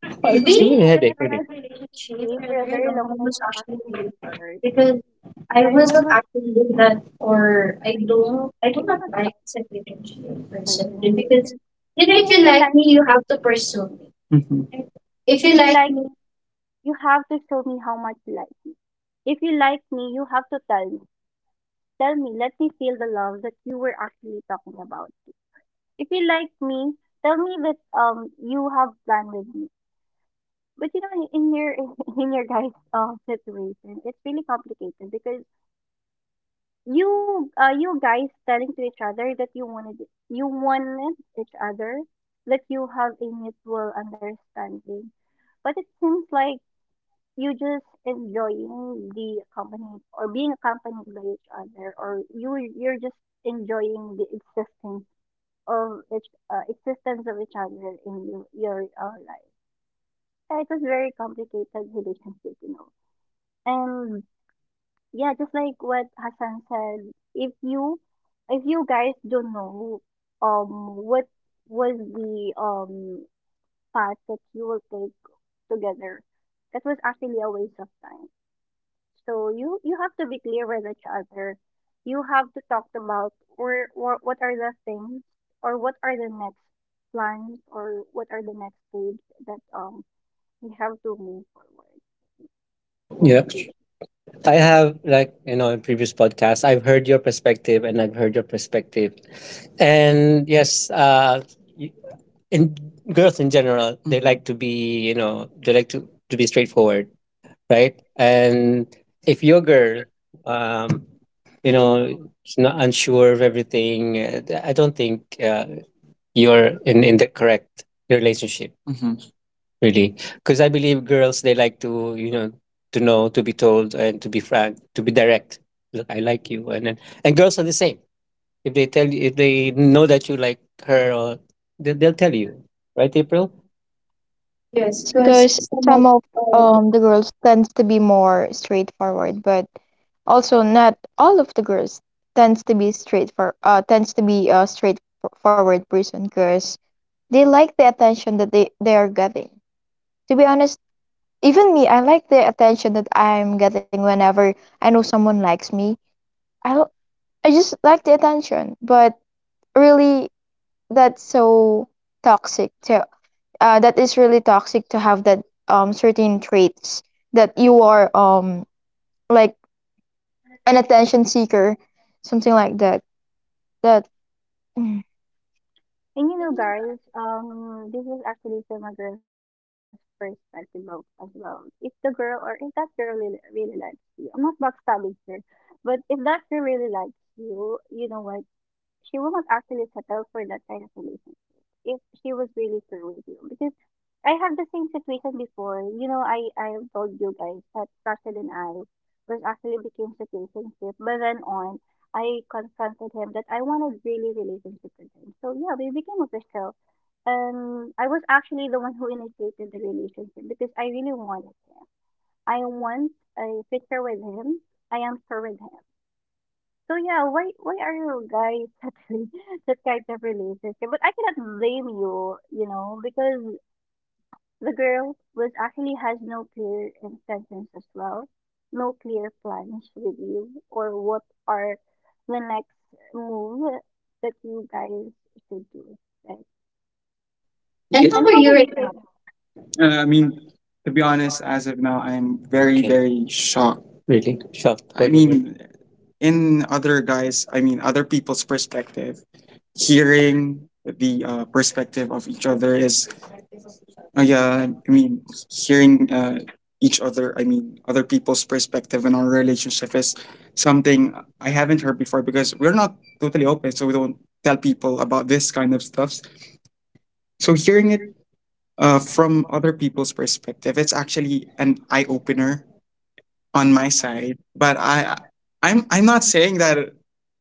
Speaker 2: It's being giving
Speaker 1: being
Speaker 2: me a
Speaker 1: in
Speaker 2: headache,
Speaker 1: that
Speaker 2: really.
Speaker 1: type of
Speaker 2: Relationship
Speaker 1: relationship
Speaker 2: for a
Speaker 1: for a
Speaker 2: very
Speaker 1: very
Speaker 2: long
Speaker 1: long
Speaker 2: time
Speaker 1: time
Speaker 2: was
Speaker 1: was
Speaker 2: actually
Speaker 1: actually really
Speaker 2: painful
Speaker 1: hard
Speaker 2: because
Speaker 1: because
Speaker 2: I
Speaker 1: I
Speaker 2: was not
Speaker 1: wasn't
Speaker 2: actually with that,
Speaker 1: forced.
Speaker 2: or
Speaker 1: I do
Speaker 2: I do
Speaker 1: I do
Speaker 2: not
Speaker 1: not
Speaker 2: like
Speaker 1: like
Speaker 2: said relationship
Speaker 1: you
Speaker 2: personally
Speaker 1: personally
Speaker 2: because
Speaker 1: because you
Speaker 2: if
Speaker 1: know
Speaker 2: you like me, you have to pursue me. Mhm. If you
Speaker 1: if you
Speaker 2: like
Speaker 1: like
Speaker 2: me,
Speaker 1: me, you have to show me how much you like me. If you like me, you have to tell me. Tell me, let me feel the love that you were actually talking about. If you like me, tell me that you have plan with me. But you know in your in your guys' situation, it's really complicated because you you guys telling to each other that you wanted each other, that you have a mutual understanding. But it seems like you just enjoying the company or being accompanied by each other or you you're just enjoying the existing of each existence of each other in your life. Yeah, it was very complicated relationship, you know. And Yeah, just like what Hassan said, if you guys don't know what was the path that you will take together, that was actually a waste of time. So you have to be clear with each other. You have to talk about where or what are the things or what are the next plans or what are the next stage that we have to move forward in
Speaker 2: yeah,
Speaker 1: the future.
Speaker 2: I have, like, in previous podcasts, I've heard your perspective and I've heard your perspective, and yes, y- in girls in general, they, Mhm, like to be, they like to be straightforward, right? And if your girl, um, is not unsure of everything, I don't think you're in the correct relationship. Really, because I believe girls they like to know to be told and to be frank, to be direct. Look, I like you, and then and girls are the same. If they tell you if they know that you like her, or they'll tell you, right, April? Yes,
Speaker 3: Yes,
Speaker 2: because
Speaker 3: because
Speaker 2: someone,
Speaker 3: some of
Speaker 2: um,
Speaker 3: the girls tends to be more straightforward, but also not all of the girls tends to be a straightforward person because they like the attention that they are getting. To be honest, even me, I like the attention that I'm getting whenever I know someone likes me. I l- I just like the attention, but really that's so toxic to that is really toxic to have that certain traits that you are like an attention seeker, something like that that Mm.
Speaker 1: And you know, guys, this is actually from a girl's perspective of, as well. If the girl or if that girl really, really likes you, I'm not backstabbing her, but if that girl really likes you, you know what? She will not actually settle for that kind of relationship if she was really through with you. Because I have the same situation before. You know, I have told you guys that Russell and I was actually became situationship, but then on I confronted him that I wanted really relationship with him. So yeah, we became official. I was actually the one who initiated the relationship because I really wanted him. I want a picture with him. I am sure with him. So yeah, why are you guys actually that kind of relationship? But I cannot blame you, you know, because the girl was actually has no clear intentions as well, no clear plans with you or what are the next move that you guys should do, right?
Speaker 2: and how
Speaker 1: And
Speaker 2: are
Speaker 1: how
Speaker 2: you
Speaker 1: are
Speaker 2: right
Speaker 1: you
Speaker 2: now?
Speaker 1: right now?
Speaker 2: I mean, to be honest, as of now, I'm very, okay, very shocked. Really? Shocked. I, why mean, mean? In other guys, I mean, other people's perspective, hearing the perspective of each other is, yeah, I mean, hearing, each other, I mean, other people's perspective in our relationship is something I haven't heard before because we're not totally open, so we don't tell people about this kind of stuff. So hearing it, from other people's perspective. It's actually an eye opener on my side. But I'm not saying that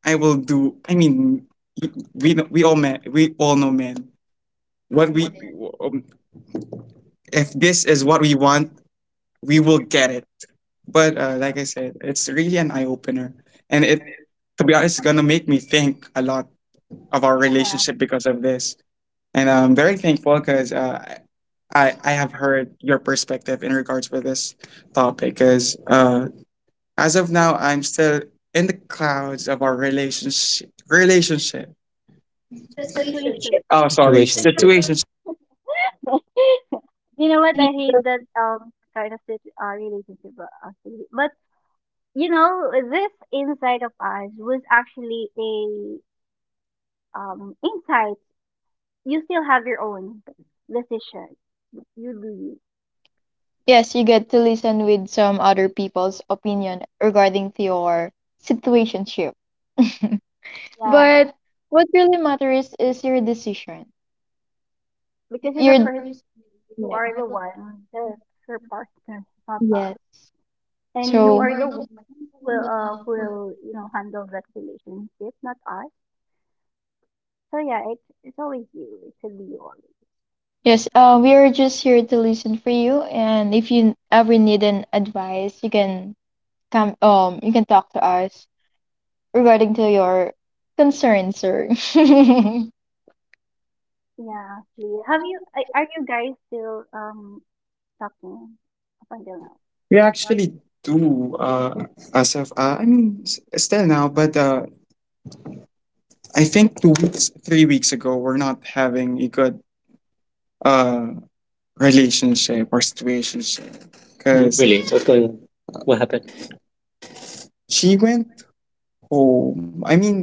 Speaker 2: I will do. I mean, we all know men. What we, um, if this is what we want, we will get it. But like I said, it's really an eye opener, and it to be honest, it's gonna make me think a lot of our
Speaker 1: Yeah,
Speaker 2: relationship because of this. And I'm very thankful because I have heard your perspective in regards with this topic because as of now I'm still in the clouds of our relationship.
Speaker 1: situation.
Speaker 2: Situationship. Oh, sorry. Situation. Situation.
Speaker 1: You know what? I hate that kind of relationship actually, but you know, this insight of ours was actually a insight. You still have your own decision. You do you.
Speaker 3: Yes, you get to listen with some other people's opinion regarding to your situationship.
Speaker 1: Yeah.
Speaker 3: But what really matters is your decision,
Speaker 1: Because in
Speaker 3: your,
Speaker 1: the first you
Speaker 3: yeah,
Speaker 1: are the one the her partner, not
Speaker 3: yeah.
Speaker 1: us. And you
Speaker 3: So
Speaker 1: are the one who will, you know, handle that relationship, not us. So yeah, it's always you. It should be you always.
Speaker 3: yes, we are just here to listen for you, and if you ever need an advice, you can come. You can talk to us regarding to your concerns, sir.
Speaker 1: Yeah, actually. Have you are you guys still talking up until now?
Speaker 2: We actually do, as of, I mean, still now, but I think 2 weeks, 3 weeks ago we're not having a good uh, relationship or situationship because really? What's going on? What happened? She went home. I mean,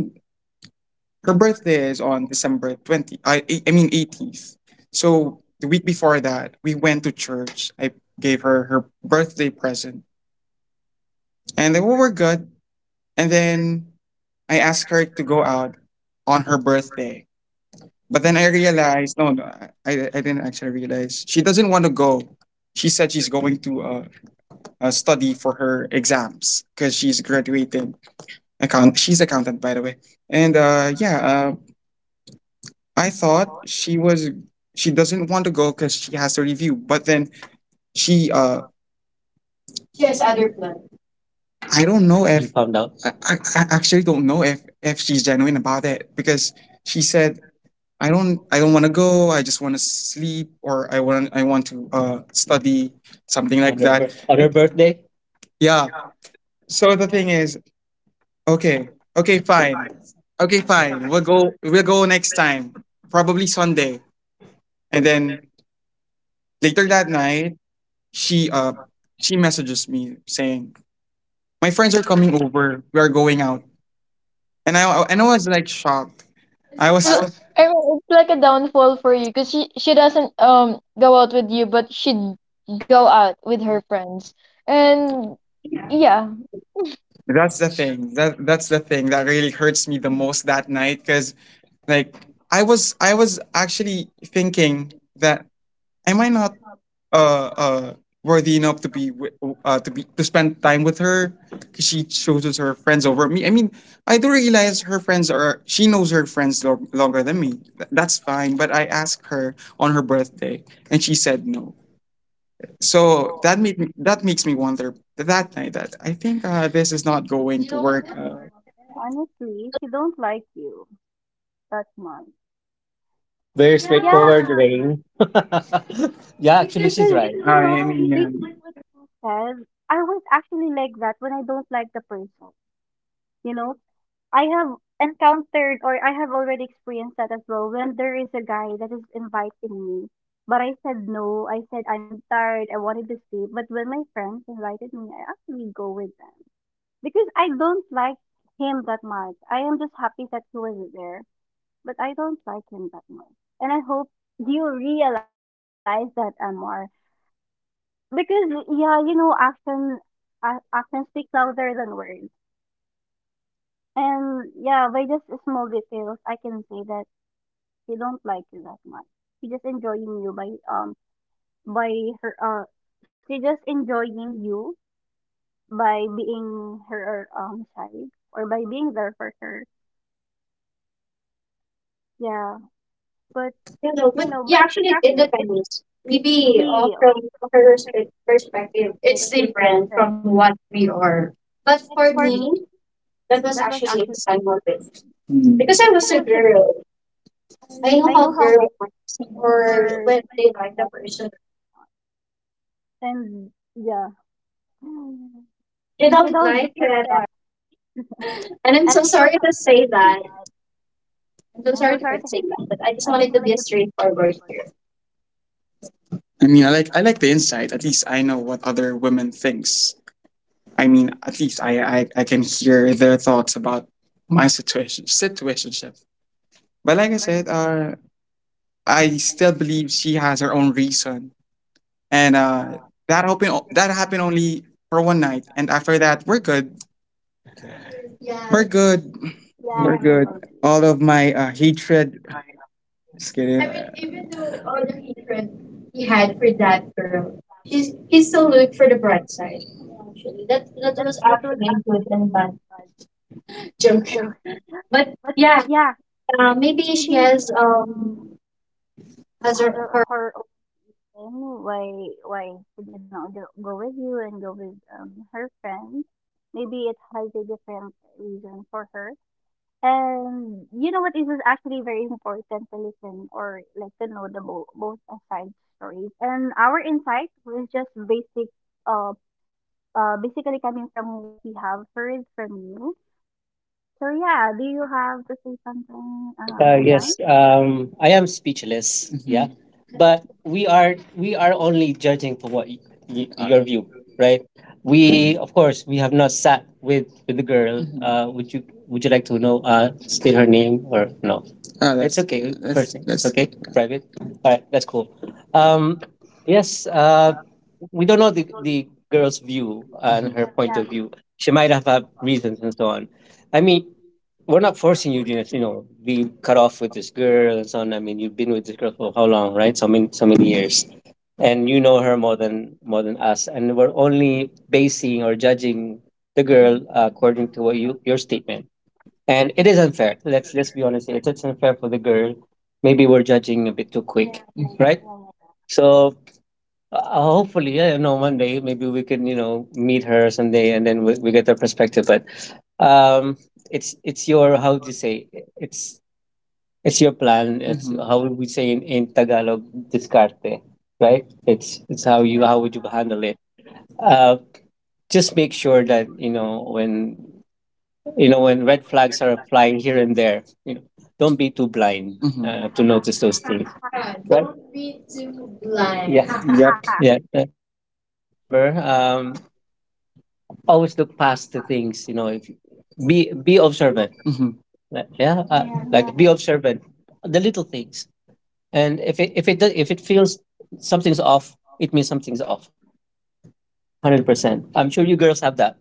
Speaker 2: her birthday is on December 20, I mean 18th. So the week before that, we went to church. I gave her her birthday present and then we were good. And then I asked her to go out on her birthday. But then I realized, no, no, I didn't actually realize. She doesn't want to go. She said she's going to study for her exams because she's graduating. She's accountant, by the way. And yeah, I thought she doesn't want to go because she has to review, but then she uh She has other plans. I don't know, you, if found out. I actually don't know if she's genuine about it because she said I don't want to go, I just want to sleep, or I want to study something like on her birthday. Yeah, so the thing is, okay okay fine okay, fine, we'll go next time, probably Sunday. And then later that night she uh she messages me saying, "My friends are coming over. We are going out." And I was like shocked. I
Speaker 3: It's
Speaker 2: was.
Speaker 3: l- I mean, it's like a downfall for you, cause she doesn't go out with you, but she'd go out with her friends, and yeah.
Speaker 2: That's the thing. That's the thing that really hurts me the most that night, cuz like I was actually thinking that am I not uh uh worthy enough to be with, to spend time with her? 'Cause she chooses her friends over me. I mean, I do realize her friends are she knows her friends longer than me. That's fine. But I asked her on her birthday, and she said no. So that makes me wonder that night that I think, this is not going to
Speaker 1: You know
Speaker 2: work.
Speaker 1: what, Amar? Honestly, he don't like you that much.
Speaker 2: Very
Speaker 1: Yeah,
Speaker 2: straightforward, Rain. Yeah, actually, she's
Speaker 1: because
Speaker 2: right.
Speaker 1: you
Speaker 2: I
Speaker 1: know,
Speaker 2: mean, yeah.
Speaker 1: based on what you said, I was actually like that when I don't like the person. You know, I have encountered or I have already experienced that as well when there is a guy that is inviting me. But I said no. I said I'm tired. I wanted to sleep. But when my friends invited me, I actually go with them because I don't like him that much. I am just happy that he was there but I don't like him that much. And I hope you realize that, Amar. Because, yeah, you know, action, action speaks louder than words. And, yeah, by just small details, I can say that he don't like you that much. He just enjoying you by her, she just enjoying you by being her, side or by being there for her. Yeah. But,
Speaker 2: You know,
Speaker 1: you
Speaker 2: but
Speaker 1: know,
Speaker 2: yeah,
Speaker 1: but
Speaker 2: actually, it
Speaker 1: actually, it's
Speaker 2: depends. Maybe,
Speaker 1: maybe,
Speaker 2: from her
Speaker 1: uh,
Speaker 2: perspective,
Speaker 1: perspective
Speaker 2: it's different
Speaker 1: different.
Speaker 2: from what we are. But
Speaker 1: But
Speaker 2: for
Speaker 1: for
Speaker 2: me,
Speaker 1: me,
Speaker 2: that was
Speaker 1: that was
Speaker 2: actually
Speaker 1: actually
Speaker 2: some of Because I
Speaker 1: because
Speaker 2: was
Speaker 1: I
Speaker 2: a
Speaker 1: was
Speaker 2: girl, I know
Speaker 1: I
Speaker 2: how
Speaker 1: know how good
Speaker 2: girls act or
Speaker 1: for
Speaker 2: when
Speaker 1: when
Speaker 2: they
Speaker 1: you
Speaker 2: like the
Speaker 1: guys are
Speaker 2: person.
Speaker 1: first start. And yeah. They
Speaker 2: They don't
Speaker 1: don't do
Speaker 2: like
Speaker 1: that yet.
Speaker 2: it. And I'm
Speaker 1: And
Speaker 2: so
Speaker 1: I'm so
Speaker 2: sorry to
Speaker 1: sorry to
Speaker 2: say
Speaker 1: say
Speaker 2: that.
Speaker 1: that.
Speaker 2: I'm so
Speaker 1: I'm so
Speaker 2: sorry to
Speaker 1: sorry to
Speaker 2: say
Speaker 1: hear that.
Speaker 2: that, but I just
Speaker 1: I just
Speaker 2: wanted to be
Speaker 1: wanted
Speaker 2: a
Speaker 1: to be
Speaker 2: straightforward
Speaker 1: forward.
Speaker 2: here. I mean, I like the insight. At least I know what other women thinks. I mean, at least I can hear their thoughts about my situation, situationship. But like I said, I still believe she has her own reason, and that happened. That happened only for one night, and after that, we're good. We're
Speaker 1: Yeah, actually,
Speaker 2: good.
Speaker 1: actually.
Speaker 2: We're good. All of my hatred. Just kidding. I mean, even though all the hatred he had for that girl, he still looked for the bright side. Actually,
Speaker 1: That
Speaker 2: that was
Speaker 1: that was
Speaker 2: actually
Speaker 1: actually
Speaker 2: good
Speaker 1: a
Speaker 2: and
Speaker 1: good
Speaker 2: bad
Speaker 1: like,
Speaker 2: joke.
Speaker 1: joke.
Speaker 2: But
Speaker 1: But
Speaker 2: yeah,
Speaker 1: yeah,
Speaker 2: maybe she
Speaker 1: maybe she um
Speaker 2: has her.
Speaker 1: has her Then why she did not go with you and go with her friend? Maybe it has a different reason for her. And you know what? It was actually very important to listen or like to know the both side stories. And our insight was just basic, uh, basically coming from what we have heard from you. So yeah, do you have to say something, Hazan?
Speaker 2: Yes, I am speechless. Yeah, Mhm, but we are only judging for what your view, right? We of course we have not sat with the girl. Mhm. Would you like to know, state her name or no? Ah, it's that's okay, that's first name. It's that's okay, private. All right, that's cool. Um, yes. We don't know the girl's view and, Mhm, her point
Speaker 1: Yeah.
Speaker 2: of view. She might have had reasons and so on. I mean, we're not forcing you to be cut off with this girl and so on. I mean, you've been with this girl for how long, right? So many, so many years, and you know her more than, more than us, and we're only basing or judging the girl, according to what you your statement. And it is unfair. Let's be honest here. It's unfair for the girl. Maybe we're judging a bit too quick, right? So, hopefully, yeah, one day maybe we can, meet her someday, and then we get the perspective. But um, it's your, how do you say, it's it's your plan. It's, how would we say, in, Tagalog, discarte, right? It's how you how would you
Speaker 1: Sure.
Speaker 2: handle it. Uh, just make sure that when red flags are flying here and there, don't be too blind. Mhm. To notice those things,
Speaker 1: Ha
Speaker 2: right? Don't be too blind. Yeah. Yep.
Speaker 1: ha ha.
Speaker 2: Yeah, always remember, always look past the things, if be observant, like, yeah, like be
Speaker 1: Yeah.
Speaker 2: observant, the little things, and if it feels something's off, it means something's off. 100%. I'm sure you girls have that.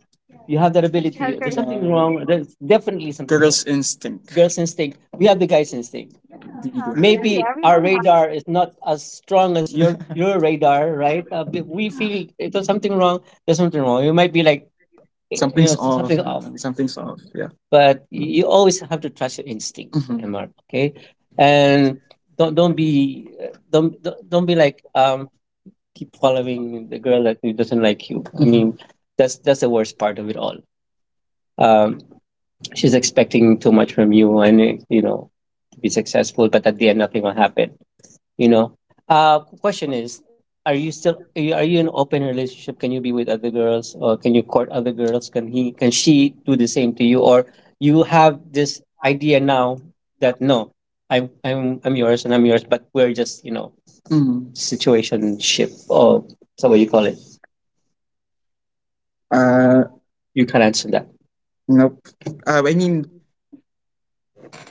Speaker 2: You have that ability. There's
Speaker 1: Pleasure.
Speaker 2: something wrong. There's definitely something wrong. Girls' instinct. Girls instinct. We have the guys instinct. You do have.
Speaker 1: Yeah,
Speaker 2: Maybe
Speaker 1: actually,
Speaker 2: our
Speaker 1: everyone has.
Speaker 2: radar is not as strong as your your radar, right? But we feel if there's something wrong. There's something wrong. You might be like, something's off. Something off. Something's off. Yeah. But you always have to trust your instinct, Mhm, Mr. Okay, and don't be, don't be like, keep following the girl that who doesn't like you. I mean, that's the worst part of it all. Um, she's expecting too much from you, and, to be successful, but at the end, nothing will happen. You know. Question is, are you still are you in an open relationship? Can you be with other girls, or can you court other girls? Can she do the same to you, or you have this idea now that no, I'm yours and I'm yours, but we're just, Mm. situation ship, or so what you call it. Uh, You can't answer that. Nope. I mean,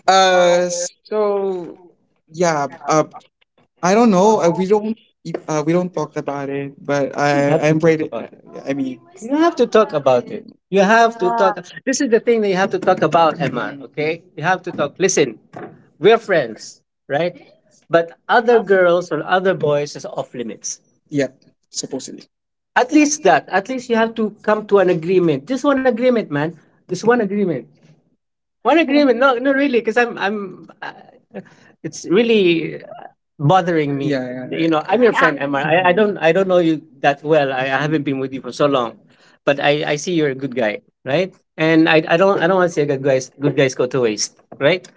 Speaker 2: so, yeah. I don't know. We don't. We don't talk about it. But you, I have to, I'm, talk ready, about it. I mean, you have to talk about it. You have to talk.
Speaker 1: Yeah.
Speaker 2: This is the thing that you have to talk about, Emma. Okay, you have to talk. Listen, we're friends, right? But other girls or other boys is off limits. Yeah, supposedly. At least that. At least you have to come to an agreement. Just one agreement, man. Just one agreement. One agreement. No, no, really, because I'm. It's really bothering me. Yeah, yeah, I'm your friend,
Speaker 1: Yeah.
Speaker 2: Emma. I don't know you that well. I haven't been with you for so long, but I see you're a good guy, right? And I don't want to see a good guys go to waste, right?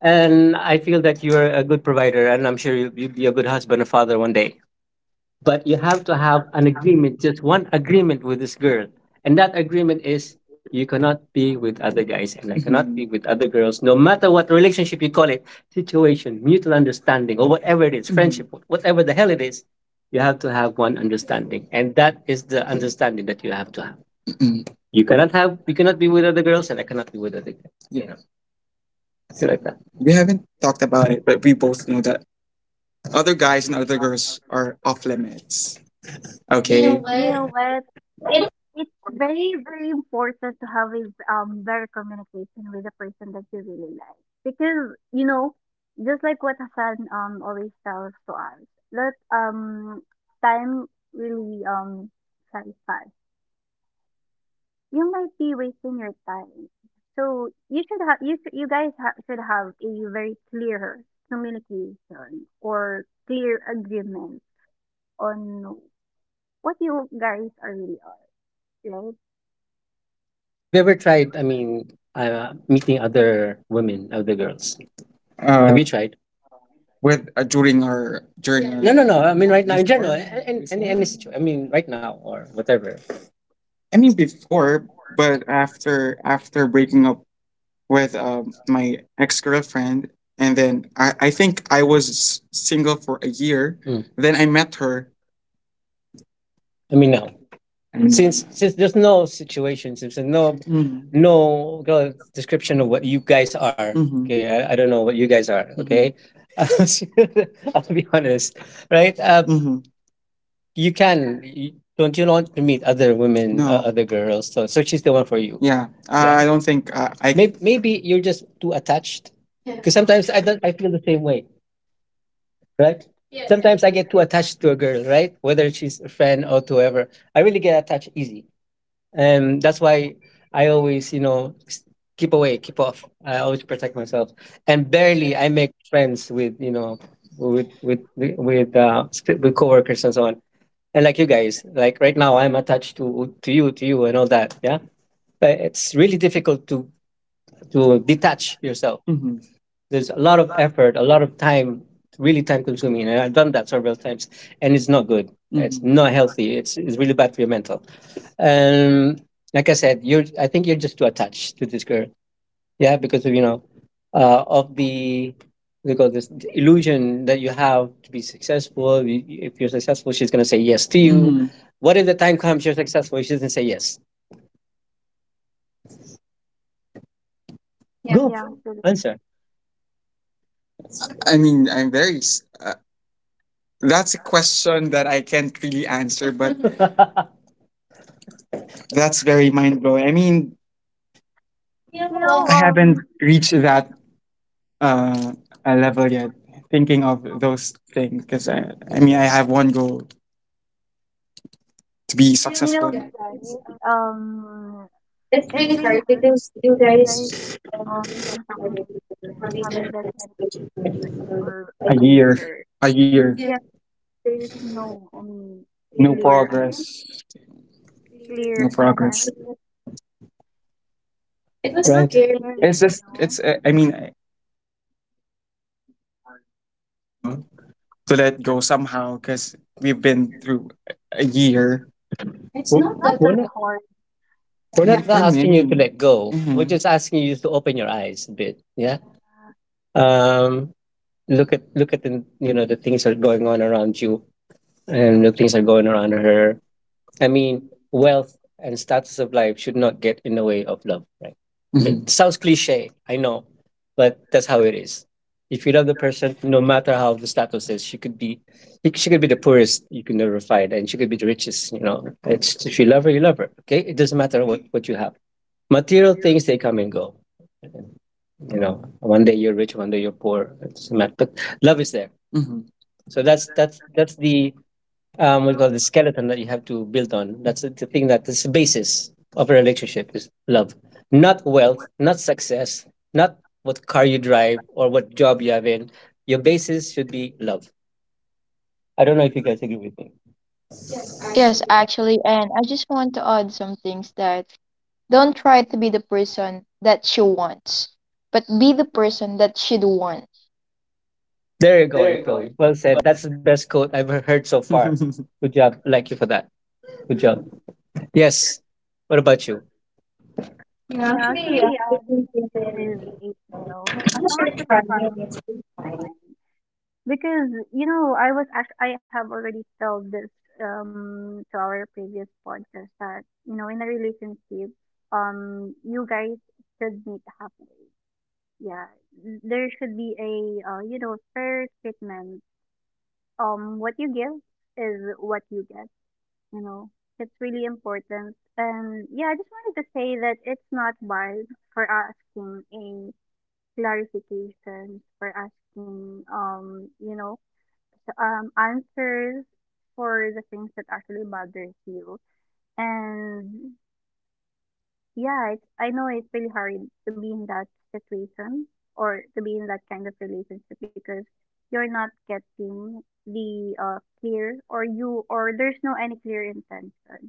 Speaker 2: And I feel that you're a good provider, and I'm sure you'll be a good husband or father one day, but you have to have an agreement, just one agreement with this girl. And that agreement is you cannot be with other guys and I cannot be with other girls, no matter what relationship you call it, situation, mutual understanding, or whatever it is, friendship, whatever the hell it is, you have to have one understanding. And that is the understanding that you have to have. You cannot be with other girls and I cannot be with other guys. You know, something like that. We haven't talked about it, but we both know that other guys and other girls are off limits. Okay.
Speaker 1: You know what? It's very, very important to have a better communication with the person that you really like. Because, you know, just like what Hassan always tells to us, that time really flies fast. You might be wasting your time. So you should have you guys should have a very clear communication or clear agreement on what you guys are really. Right?
Speaker 2: Have you ever tried? I mean, meeting other women, other girls. Have You tried? With during her during yeah. No, no, no. I mean, right now in general, before any before. Situation. I mean, right now or whatever. I mean before, but after breaking up with my ex girlfriend, and then I think I was single for a year. Mm. Then I met her. I mean, no. Since there's no situation since there's no description of what you guys are. Mhm. Okay, I don't know what you guys are. Okay. Mm-hmm. I'll be honest, right, mhm. You can you, don't you want to meet other women? No. Other girls, so she's the one for you? Yeah. Yeah. I don't think I. I maybe you're just too attached because sometimes I don't I feel the same way, right? Yes. Sometimes I get too attached to a girl, right, whether she's a friend or to whoever. I really get attached easy, and that's why I always, you know, keep away, keep off. I always protect myself, and barely I make friends with, you know, with with coworkers and so on. And like you guys, like right now, I'm attached to you, and all that. Yeah, but it's really difficult to detach yourself. There's a lot of effort, a lot of time, really time consuming. And I've done that several times and it's not good. It's Mhm. not healthy. It's really bad for your mental. Um, like I said, I think you're just too attached to this girl. Yeah. Because of, you know, of the, they call this the illusion that you have to be successful. If you're successful, she's going to say yes to you. Mhm. What if the time comes you're successful? She doesn't say yes. Yeah, Go
Speaker 1: Yeah.
Speaker 2: true.
Speaker 1: So-
Speaker 2: Answer. I mean, I'm very that's a question that I can't really answer, but that's very mind blowing. I mean,
Speaker 1: You know,
Speaker 2: I haven't reached that uh, a level yet, thinking of those things. Because I mean, I have one goal to be
Speaker 1: you
Speaker 2: successful.
Speaker 1: know what,
Speaker 2: In-
Speaker 1: guys? It's really hard, guys. Been talking already or having that conversation already for
Speaker 2: A
Speaker 1: a
Speaker 2: year,
Speaker 1: year.
Speaker 2: a year,
Speaker 1: Yes, there's no
Speaker 2: no
Speaker 1: clear again,
Speaker 2: progress, no
Speaker 1: clear and
Speaker 2: progress.
Speaker 1: sense. It
Speaker 2: It was
Speaker 1: it was
Speaker 2: right scary.
Speaker 1: scary,
Speaker 2: It's
Speaker 1: you
Speaker 2: just
Speaker 1: know.
Speaker 2: it's I mean, uh, to let go somehow because we've been through a year. It's W-
Speaker 1: It's
Speaker 2: not
Speaker 1: not
Speaker 2: that We're
Speaker 1: that
Speaker 2: not,
Speaker 1: hard. Yeah,
Speaker 2: not for asking you to me let go. We're just asking you to open your eyes a bit. Yeah. Um, Look at, the you know, the things that are going on around you, and the things that are going around her. I mean, wealth and status of life should not get in the way of love, right? It Mhm. sounds cliche, I know, but that's how it is. If you love the person, no matter how the status is, she could be the poorest you can ever find, and she could be the richest. You know, it's if you love her, you love her. Okay, it doesn't matter what you have. Material things they come and go. You know, one day you're rich, one day you're poor. It doesn't matter. But love is there. Mhm. So that's the what you call the skeleton that you have to build on. That's the thing that is the basis of a relationship is love, not wealth, not success, not what car you drive or what job you have in. Your basis should be love. I don't know if you guys agree with me.
Speaker 3: Yes, actually, and I just want to add some things that don't try to be the person that she wants, but be the person that she'd want.
Speaker 2: There you go, April. Well said. That's the best quote I've heard so far. Good job. I Like you for that. Good job. Yes. What about you?
Speaker 1: yeah, actually, this is with April. As long as you're trying, it's fine. Because you know I I have already told this to our previous podcast that you know in a relationship you guys should meet halfway. Yeah, there should be a you know fair treatment. What you give is what you get, you know, it's really important. And yeah, I just wanted to say that it's not bad for asking a clarifications for asking you know answers for the things that actually bothers you. And yeah, it's, I know it's really hard to be in that situation or to be in that kind of relationship because you're not getting the clear or you or there's no any clear intention.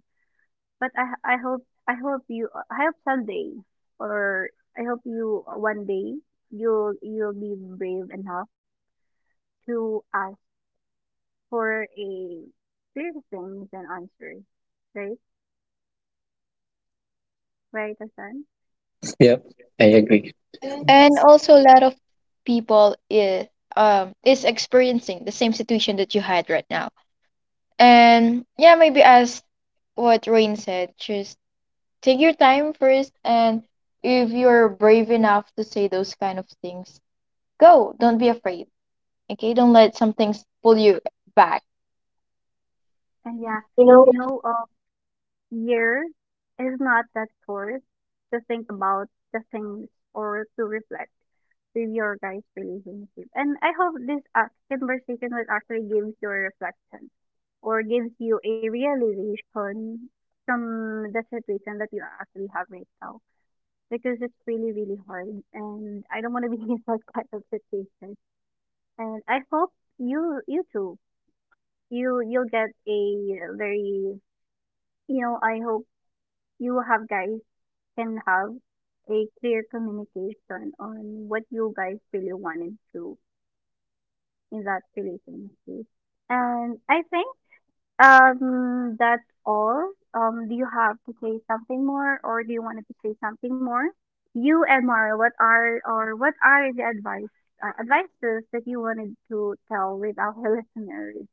Speaker 1: But I hope I hope you I hope someday or I hope you one day you'll be brave enough to ask for a clear things and answers, right? Right, Hassan?
Speaker 2: Yep, I agree.
Speaker 3: And also a lot of people is experiencing the same situation that you had right now, and yeah, maybe as what Rain said, just take your time first, and if you're brave enough to say those kind of things, go, don't be afraid, okay? Don't let some things pull you back.
Speaker 2: Yeah,
Speaker 1: And yeah,
Speaker 2: you know.
Speaker 1: you know, year is not that forced to think about the things or to reflect with your guys' relationship. And I hope this conversation will actually gives you a reflection or gives you a realization from the situation that you actually have right now because it's really really hard and I don't want to be in that kind of situation. And I hope you you too you'll get a very you know I hope you have guys can have a clear communication on what you guys really wanted to in that relationship. And I think that's all. Do you have to say something more, or do you want to say something more? You and Mara, what are or what are the advice advices that you wanted to tell with our listeners?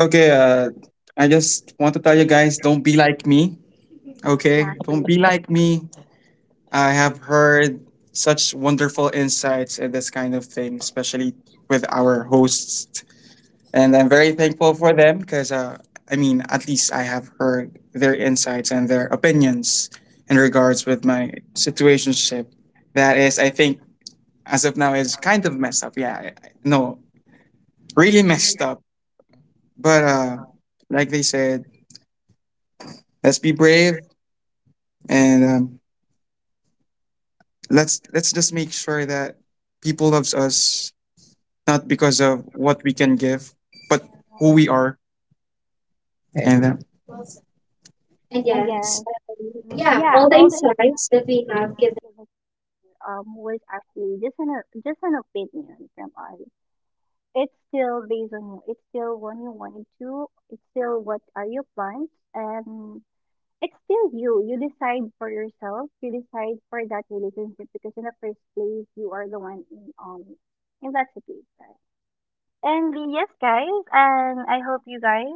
Speaker 2: Okay, I just want to tell you guys don't be like me. Okay, don't
Speaker 1: Actually?
Speaker 2: be like me. I have heard such wonderful insights and this kind of thing, especially with our hosts. And I'm very thankful for them because, I mean, at least I have heard their insights and their opinions in regards with my situationship. That is, I think, as of now, is kind of messed up. Yeah, no, really messed up. But like they said, let's be brave and let's just make sure that people loves us not because of what we can give, but who
Speaker 1: Uh,
Speaker 2: we are. And and
Speaker 1: and
Speaker 2: yes,
Speaker 1: yes, mm,
Speaker 2: yeah,
Speaker 1: yeah,
Speaker 2: all the
Speaker 1: all the
Speaker 2: insights
Speaker 1: advice
Speaker 2: that we have
Speaker 1: I've
Speaker 2: given.
Speaker 1: given you was actually just an just an opinion from us. It's still based on you. It's still what you wanted to. It's still what are your plans, and it's still you. You decide for yourself. You decide for that relationship because in the first place, you are the one in that situation. And yes, guys, and I hope you guys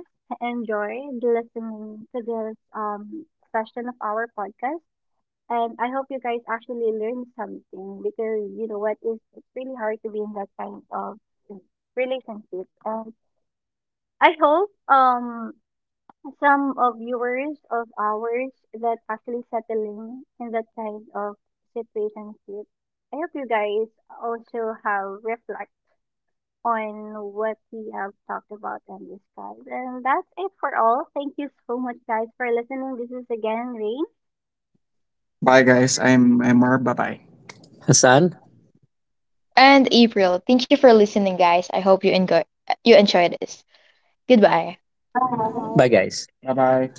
Speaker 1: enjoyed listening to this session of our podcast. And I hope you guys actually learn something because you know what is it's really hard to be in that kind of relationship. And I hope some of viewers of ours that actually settling in that kind of situationship. I hope you guys also have reflect on what we have talked about and described. And that's it for all. Thank you so much guys for listening. This is again Rain.
Speaker 2: Bye, guys. I'm Mar. Bye bye. Hassan,
Speaker 3: And April, thank you for listening, guys. I hope you enjoy this. Goodbye.
Speaker 2: bye.
Speaker 1: Bye.
Speaker 2: Bye guys. Bye bye.